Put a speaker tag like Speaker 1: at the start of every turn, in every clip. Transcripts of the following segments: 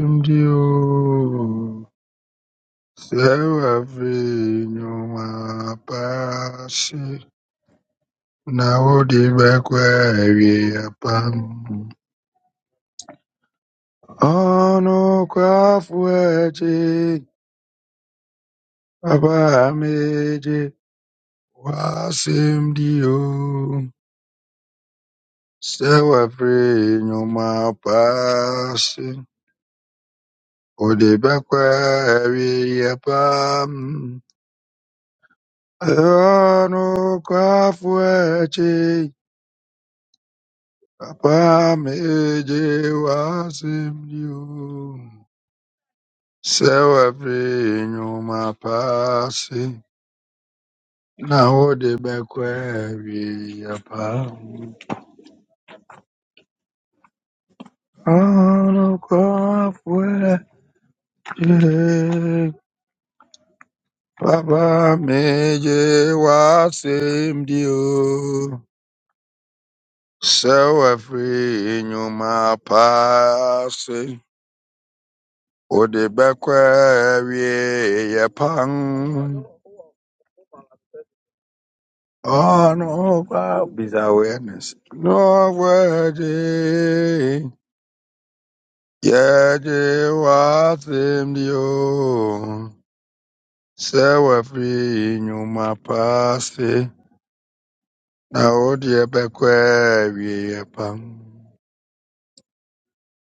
Speaker 1: ndị se bavinyuma pasi nabo tibakwerya pamu onokwafweje abameje wasemdiyo se bavinyuma pasi odibakwerya pamu onokwafweje Papa meje wasimju. Sewa pinyu mapasi. Na hodi bekwevi ya pamu. Ono kwa fweje. Papa meje wasimju. Sewa pinyu mapasi. Hodi bekwevi ya pamu. Oh, no, Bob is awareness. No worthy. Yeah, they was in you. Say we're free in you, my past. Now, oh, dear, back where we are.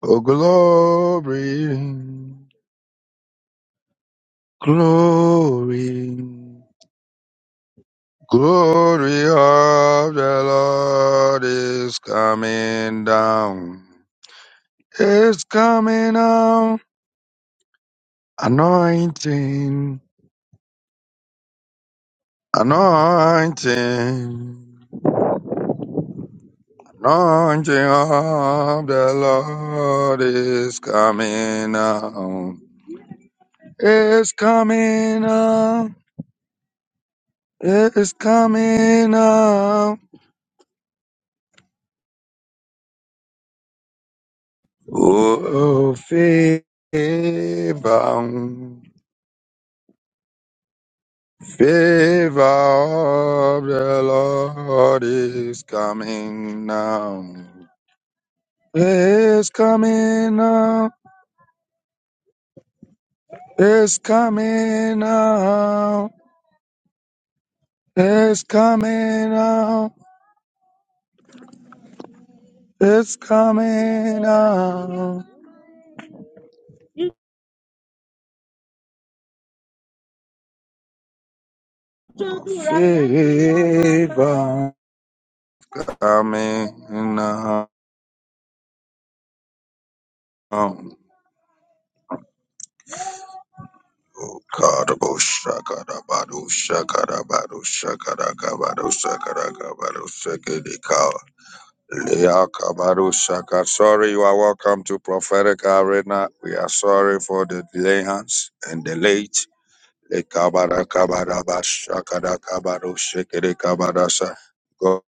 Speaker 1: Oh, glory, glory, glory of the Lord is coming down. It's coming down. Anointing, anointing, anointing of the Lord is coming out. It's coming out. It's coming out. Oh, favor, favor of the Lord is coming now. It's coming now. It's coming out. It's coming out. It's coming out. Favor coming out. Oh, God, oh, shakara, bado, shakara, bado, shakara, kabado, shakara, kabado, shakadika. Lea, kabado, shaka. Sorry, you are welcome to Prophetic Arena. We are sorry for the delay, Hans, and the late. Le kabara kabara ba shakara kabaro shekere kabara God,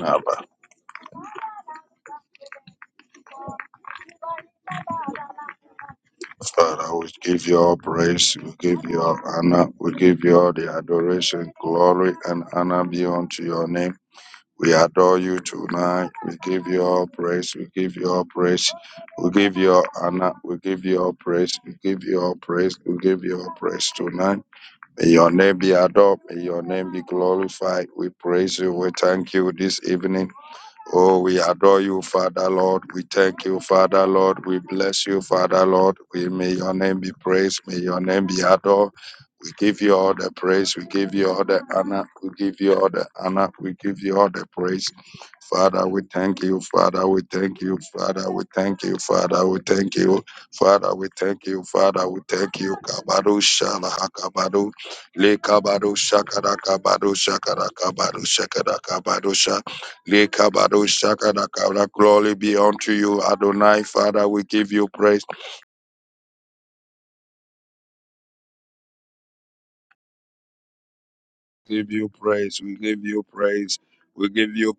Speaker 1: Abba, Father, we give you all praise, we give you all honor, we give you all the adoration, glory, and honor be unto your name. We adore you tonight. We give you all praise. We give you all praise. We give you all honor. We give you all praise. We give you all praise. We give you all praise tonight. May your name be adored. May your name be glorified. We praise you. We thank you this evening. Oh, we adore you, Father Lord. We thank you, Father Lord. We bless you, Father Lord. We may your name be praised. May your name be adored. We give you all the praise. We give you all the honor. We give you all the honor. We give you all the praise. Father, we thank you. Father, we thank you. Father, we thank you. Father, we thank you. Father, we thank you. Father, we thank you. Kabadu shalaha kabadu. Le kabadu shakada kabadu shakada kabadu shakada kabadu Lekabadoshakadakabra. Glory be unto you, Adonai. Father, we give you praise. Give you praise. We give you praise. We give you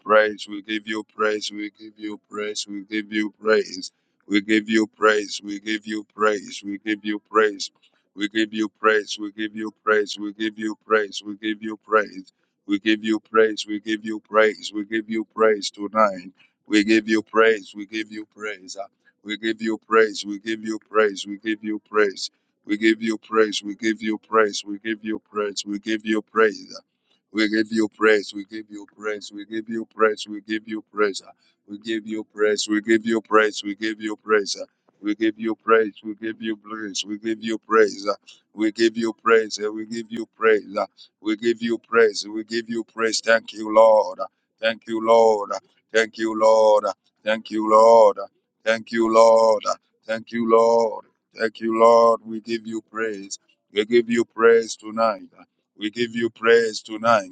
Speaker 1: praise tonight. We give you praise tonight.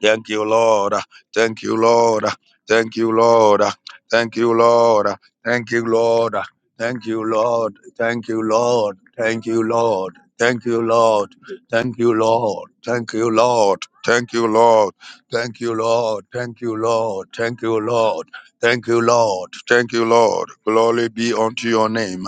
Speaker 1: Thank you, Lord. Thank you, Lord. Thank you, Lord. Thank you, Lord. Thank you, Lord. Thank you, Lord. Thank you, Lord. Thank you, Lord. Thank you, Lord. Thank you, Lord. Thank you, Lord. Thank you, Lord. Thank you, Lord. Thank you, Lord. Thank you, Lord. Thank you, Lord. Thank you, Lord. Glory be unto your name.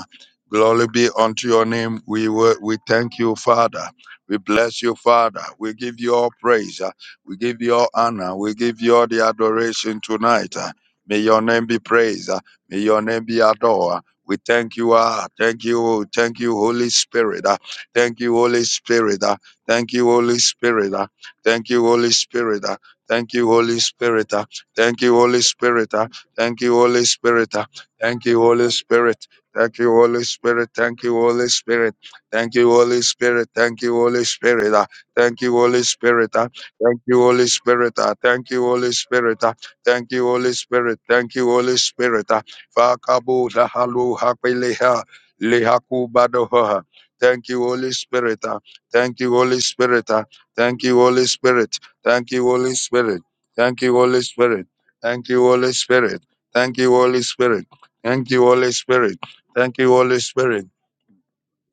Speaker 1: Glory be unto your name. We wor- we thank you, Father. We bless you, Father. We give you all praise. We give you all honor. We give you all the adoration tonight. Uh, May your name be praised. Uh, May your name be adored. We thank you, ah, thank you, thank you, Holy Spirit. ah. Thank you, Holy Spirit. ah. Thank you, Holy Spirit. ah. Thank you, Holy Spirit. ah. Thank you, Holy Spirit. ah. Thank you, Holy Spirit. ah. Thank you, Holy Spirit. ah. Thank you, Holy Spirit. Thank you, Holy Spirit. Thank you, Holy Spirit. Thank you, Holy Spirit. Thank you, Holy Spirit. ah. Thank you, Holy Spirit. ah. Thank you, Holy Spirit. ah. Thank you, Holy Spirit. ah. Thank you, Holy Spirit. Thank you, Holy Spirit. ah. Fakabu dahalu hakweleha lehaku badohoha. Thank you, Holy Spirit. ah. Thank you, Holy Spirit. ah. Thank you, Holy Spirit. Thank you, Holy Spirit. Thank you, Holy Spirit. Thank you, Holy Spirit. Thank you, Holy Spirit. Thank you, Holy Spirit. Thank you, Holy Spirit.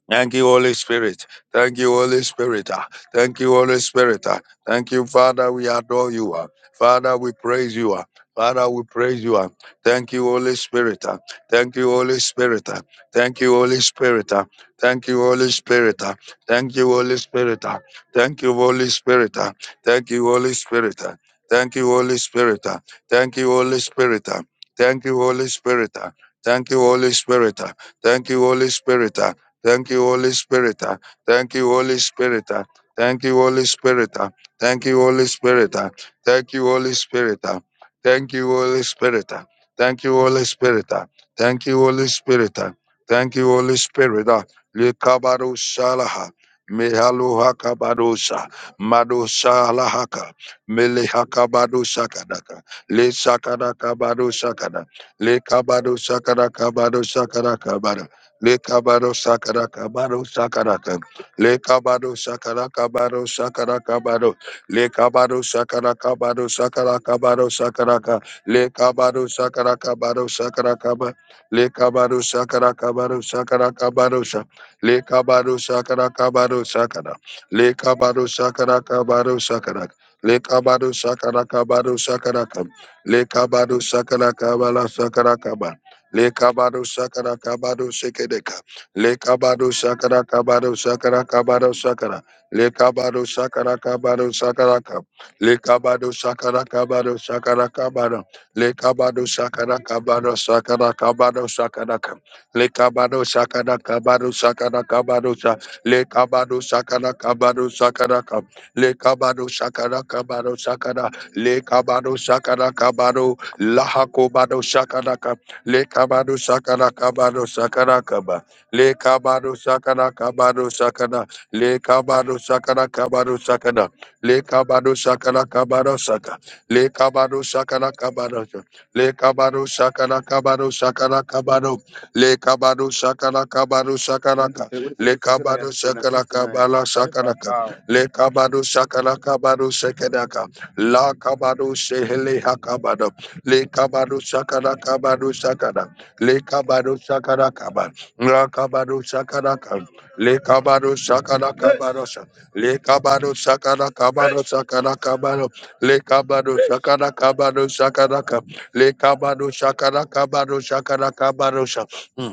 Speaker 1: Thank you, Holy Spirit. Thank you, Holy Spirit. Ah, Thank you, Holy Spirit. Ah, Thank you, Father. We adore you. Ah, Father, we praise you. Ah, Father, we praise you. Ah, Thank you, Holy Spirit. Ah, Thank you, Holy Spirit. Ah, Thank you, Holy Spirit. Ah, Thank you, Holy Spirit. Ah, Thank you, Holy Spirit. Ah, Thank you, Holy Spirit. Ah, Thank you, Holy Spirit. Ah, Thank you, Holy Spirit. Ah, Thank you, Holy Spirit. Ah, Thank you, Holy Spirit. Ah, Thank you, Holy Spirit. Ah, Thank you, Holy Spirit. Ah. Thank you, Holy Spirit. uh, Thank you, Holy Spirit. uh, Thank you, Holy Spirit. uh, Thank you, Holy Spirit. uh, Thank you, Holy Spirit. uh, Thank you, Holy Spirit. uh, Thank you, Holy Spirit. uh, Thank you, Holy Spirit. uh, Thank you, Holy Spirit. uh, Likabado Shalaha. Mihaluha Kabadosha, Madosha Lahaka, Milihaka Bado kadaka, Le Shakadaka Bado Shakada, Le Kabado Shakadaka Bado Shakadaka Lekabado Sakaraka Le kabaro sakara kabaro sakara kabaro le kabaro sakara kabaro sakara kabaro Sakaraka Bado Sakaraka Lekabado Sakaraka Bado Sakaraka Ba Lekabado Sakaraka Bado Sakaraka Bado Sa Lekabado Sakaraka Bado Sakara Lekabado kabaro sakara Sakaraka Lekabado Sakaraka kabaro sakara kabaro Sakaraka Lekabado sakara Bala Sakaraka Le kabado sakara kabado sekedeka. Le kabado sakara kabado sakara kabado sakara. Le kabado sakara kabado sakara kab. Le kabado sakara kabado sakara kabado. Le kabado sakara kabado sakara kabado sakara kab. Le kabado sakara kabado sakara kabado sa. Le kabado sakara kabado sakara kab. Le kabado sakara kabado sakara. Le kabado sakara kabado lahakobado sakara kab. Le kabado sakara kabado sakara kaba. Le kabado sakara kabado sakara. Le kabado sakara kabado sakara. Le kabado sakara kabado saka. Le kabado sakara kabado saka. Le kabado sakara kabado sakara kabado. Le kabado sakara kabado sakara ka. Le kabado sakara kabala sakara ka. Le kabado sakara kabado sakara ka. La kabado shehele hakabado le kabado shakara kabado shakara le kabado shakara kaba ra kabado shakara kaba le kabado shakara kabado sha le kabado shakara kabado shakara kabado le kabado shakara kabado shakara kaba le kabado shakara kabado shakara kabado sha Hmm.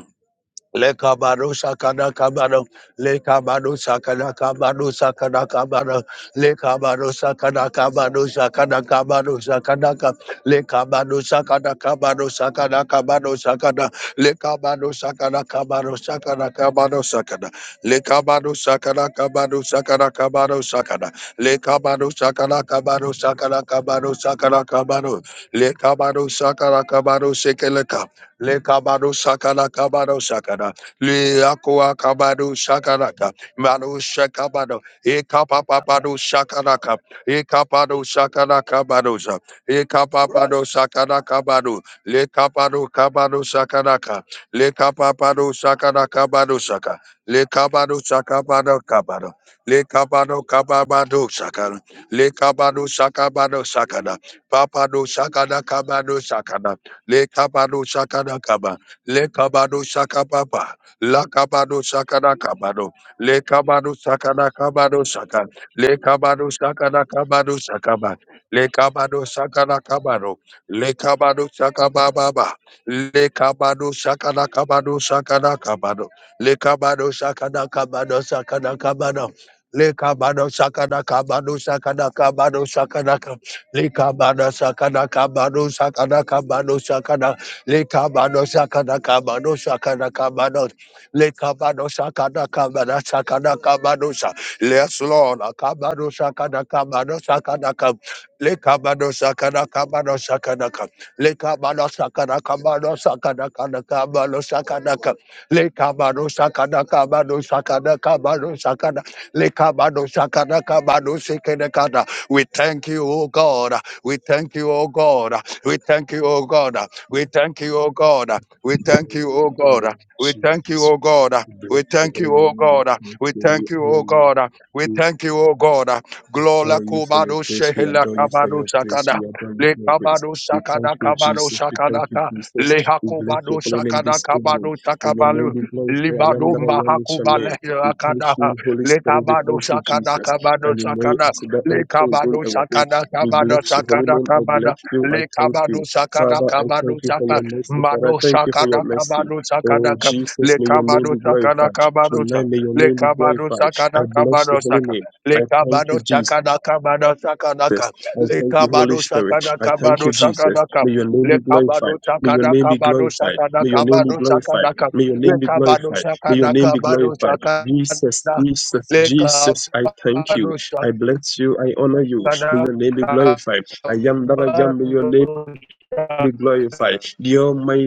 Speaker 1: Le kabado sakada kabado, le kabado sakada kabado sakada kabado, le kabado sakada kabado sakada kabado sakada kab, le kabado sakada kabado sakada kabado sakada, le kabado sakada kabado sakada kabado sakada, le kabado sakada kabado sakada kabado sakada, le kabado sakada kabado sakada kabado sakada kabado, le kabado sakada kabado sekeleka. Le kabado shakada kabado shakada. Le akwa kabado shakaraka. Mado shakabado. E kapapapado shakaraka. E kapado shakada kabadoza. E kapapado shakada kabado. Le kapado kabado shakaraka. Le kapapado shakada kabado shaka. Le kabado shakabado kabado. Le kabado kababado shakara. Le kabado shakabado shakada. Papado shakada kabado shakada. Le kabado shakada kaba. Le kabado shakababa. La kabado shakada kabado. Le kabado shakada kabado shaka. Le kabado shakada kabado shakaba. Le kabado shakada kabado. Le kabado shakababa. Le kabado shakada kabado shakada kabado. Le kabado shakada kabado shakada kabado. Le kabado shakada kabado shakada kabado shakada kabado. Likabado sakada kabado sakada kabado sakada likabado sakada kabado sakada kabado likabado sakada kabada sakada kabado sa yes Lord kabado sakada kabado sakada kab likabado sakada kabado sakada kab likabado sakada kabado sakada kabado kabado sakada kab likabado sakada kabado sakada kabado sakada likabado sakada kabado sakada we thank you, O God. We thank you, O God. We thank you, O God. We thank you, O God. We thank you, O
Speaker 2: In the name of
Speaker 1: God. We thank you,
Speaker 2: Jesus,
Speaker 1: O God.
Speaker 2: we
Speaker 1: We
Speaker 2: bless your
Speaker 1: thank
Speaker 2: holy
Speaker 1: you, O
Speaker 2: name.
Speaker 1: God. We
Speaker 2: We
Speaker 1: thank you,
Speaker 2: honor
Speaker 1: O
Speaker 2: you.
Speaker 1: God. We
Speaker 2: We
Speaker 1: thank you, O God. Glola
Speaker 2: adore you for your
Speaker 1: kubado
Speaker 2: grace. We
Speaker 1: shehela
Speaker 2: adore you for
Speaker 1: kabado
Speaker 2: your grace.
Speaker 1: shakada.
Speaker 2: We adore you
Speaker 1: Le
Speaker 2: for your grace.
Speaker 1: kabado
Speaker 2: We thank
Speaker 1: shakada
Speaker 2: you,
Speaker 1: kabado
Speaker 2: Jesus. We thank you,
Speaker 1: shakadaka.
Speaker 2: Jesus.
Speaker 1: Le
Speaker 2: We bless
Speaker 1: hakubado
Speaker 2: your holy name
Speaker 1: shakada
Speaker 2: this evening.
Speaker 1: kabado
Speaker 2: May your name
Speaker 1: shakabalu.
Speaker 2: be glorified. I am
Speaker 1: Libado
Speaker 2: that I am with your
Speaker 1: mbahakuba
Speaker 2: name.
Speaker 1: lehila
Speaker 2: We thank
Speaker 1: kadaha.
Speaker 2: you, Holy
Speaker 1: Le
Speaker 2: Spirit. We
Speaker 1: kabado
Speaker 2: thank you,
Speaker 1: shakada
Speaker 2: Jesus.
Speaker 1: kabado
Speaker 2: And we may
Speaker 1: shakada.
Speaker 2: as the
Speaker 1: Le
Speaker 2: anchor again
Speaker 1: kabado
Speaker 2: our day.
Speaker 1: sakana
Speaker 2: We
Speaker 1: kabado
Speaker 2: bless your holy
Speaker 1: sakana
Speaker 2: name. I bless
Speaker 1: kabada.
Speaker 2: you. I
Speaker 1: Le
Speaker 2: thank
Speaker 1: kabado
Speaker 2: you.
Speaker 1: sakana
Speaker 2: Father, I
Speaker 1: kabado
Speaker 2: thank you for
Speaker 1: sakana.
Speaker 2: your mercy. Father, I
Speaker 1: Mado
Speaker 2: thank you for
Speaker 1: sakana
Speaker 2: your mercy.
Speaker 1: kabado sakana
Speaker 2: Oh
Speaker 1: ka.
Speaker 2: Jesus,
Speaker 1: Le
Speaker 2: may your name
Speaker 1: kabado
Speaker 2: be
Speaker 1: sakana
Speaker 2: glorified.
Speaker 1: kabado
Speaker 2: Tonight
Speaker 1: sakana.
Speaker 2: may your
Speaker 1: Le
Speaker 2: name be
Speaker 1: kabado
Speaker 2: glorified. I
Speaker 1: sakana
Speaker 2: bless
Speaker 1: kabado
Speaker 2: the holy name.
Speaker 1: sakana. Le
Speaker 2: I thank
Speaker 1: kabado
Speaker 2: you, Jesus.
Speaker 1: sakana kabado sakana ka.
Speaker 2: I
Speaker 1: Le
Speaker 2: thank you, Holy
Speaker 1: kabado
Speaker 2: Spirit.
Speaker 1: sakana
Speaker 2: I thank
Speaker 1: kabado
Speaker 2: you, Jesus.
Speaker 1: sakana ka.
Speaker 2: May your name
Speaker 1: Le
Speaker 2: be glorified.
Speaker 1: kabado
Speaker 2: May your
Speaker 1: sakana
Speaker 2: name be
Speaker 1: kabado
Speaker 2: glorified.
Speaker 1: sakana
Speaker 2: May your name be
Speaker 1: kabado
Speaker 2: glorified.
Speaker 1: sakana ka.
Speaker 2: May your
Speaker 1: Le
Speaker 2: name be
Speaker 1: kabado
Speaker 2: glorified. May your
Speaker 1: sakana
Speaker 2: name be
Speaker 1: kabado
Speaker 2: glorified. Jesus,
Speaker 1: sakana.
Speaker 2: Jesus,
Speaker 1: Le kabado
Speaker 2: Jesus, I thank you. I bless you. I honor you. May
Speaker 1: kadang
Speaker 2: your name be glorified. I am that I
Speaker 1: kabar
Speaker 2: am. May your name
Speaker 1: rusak.
Speaker 2: be glorified. The Almighty.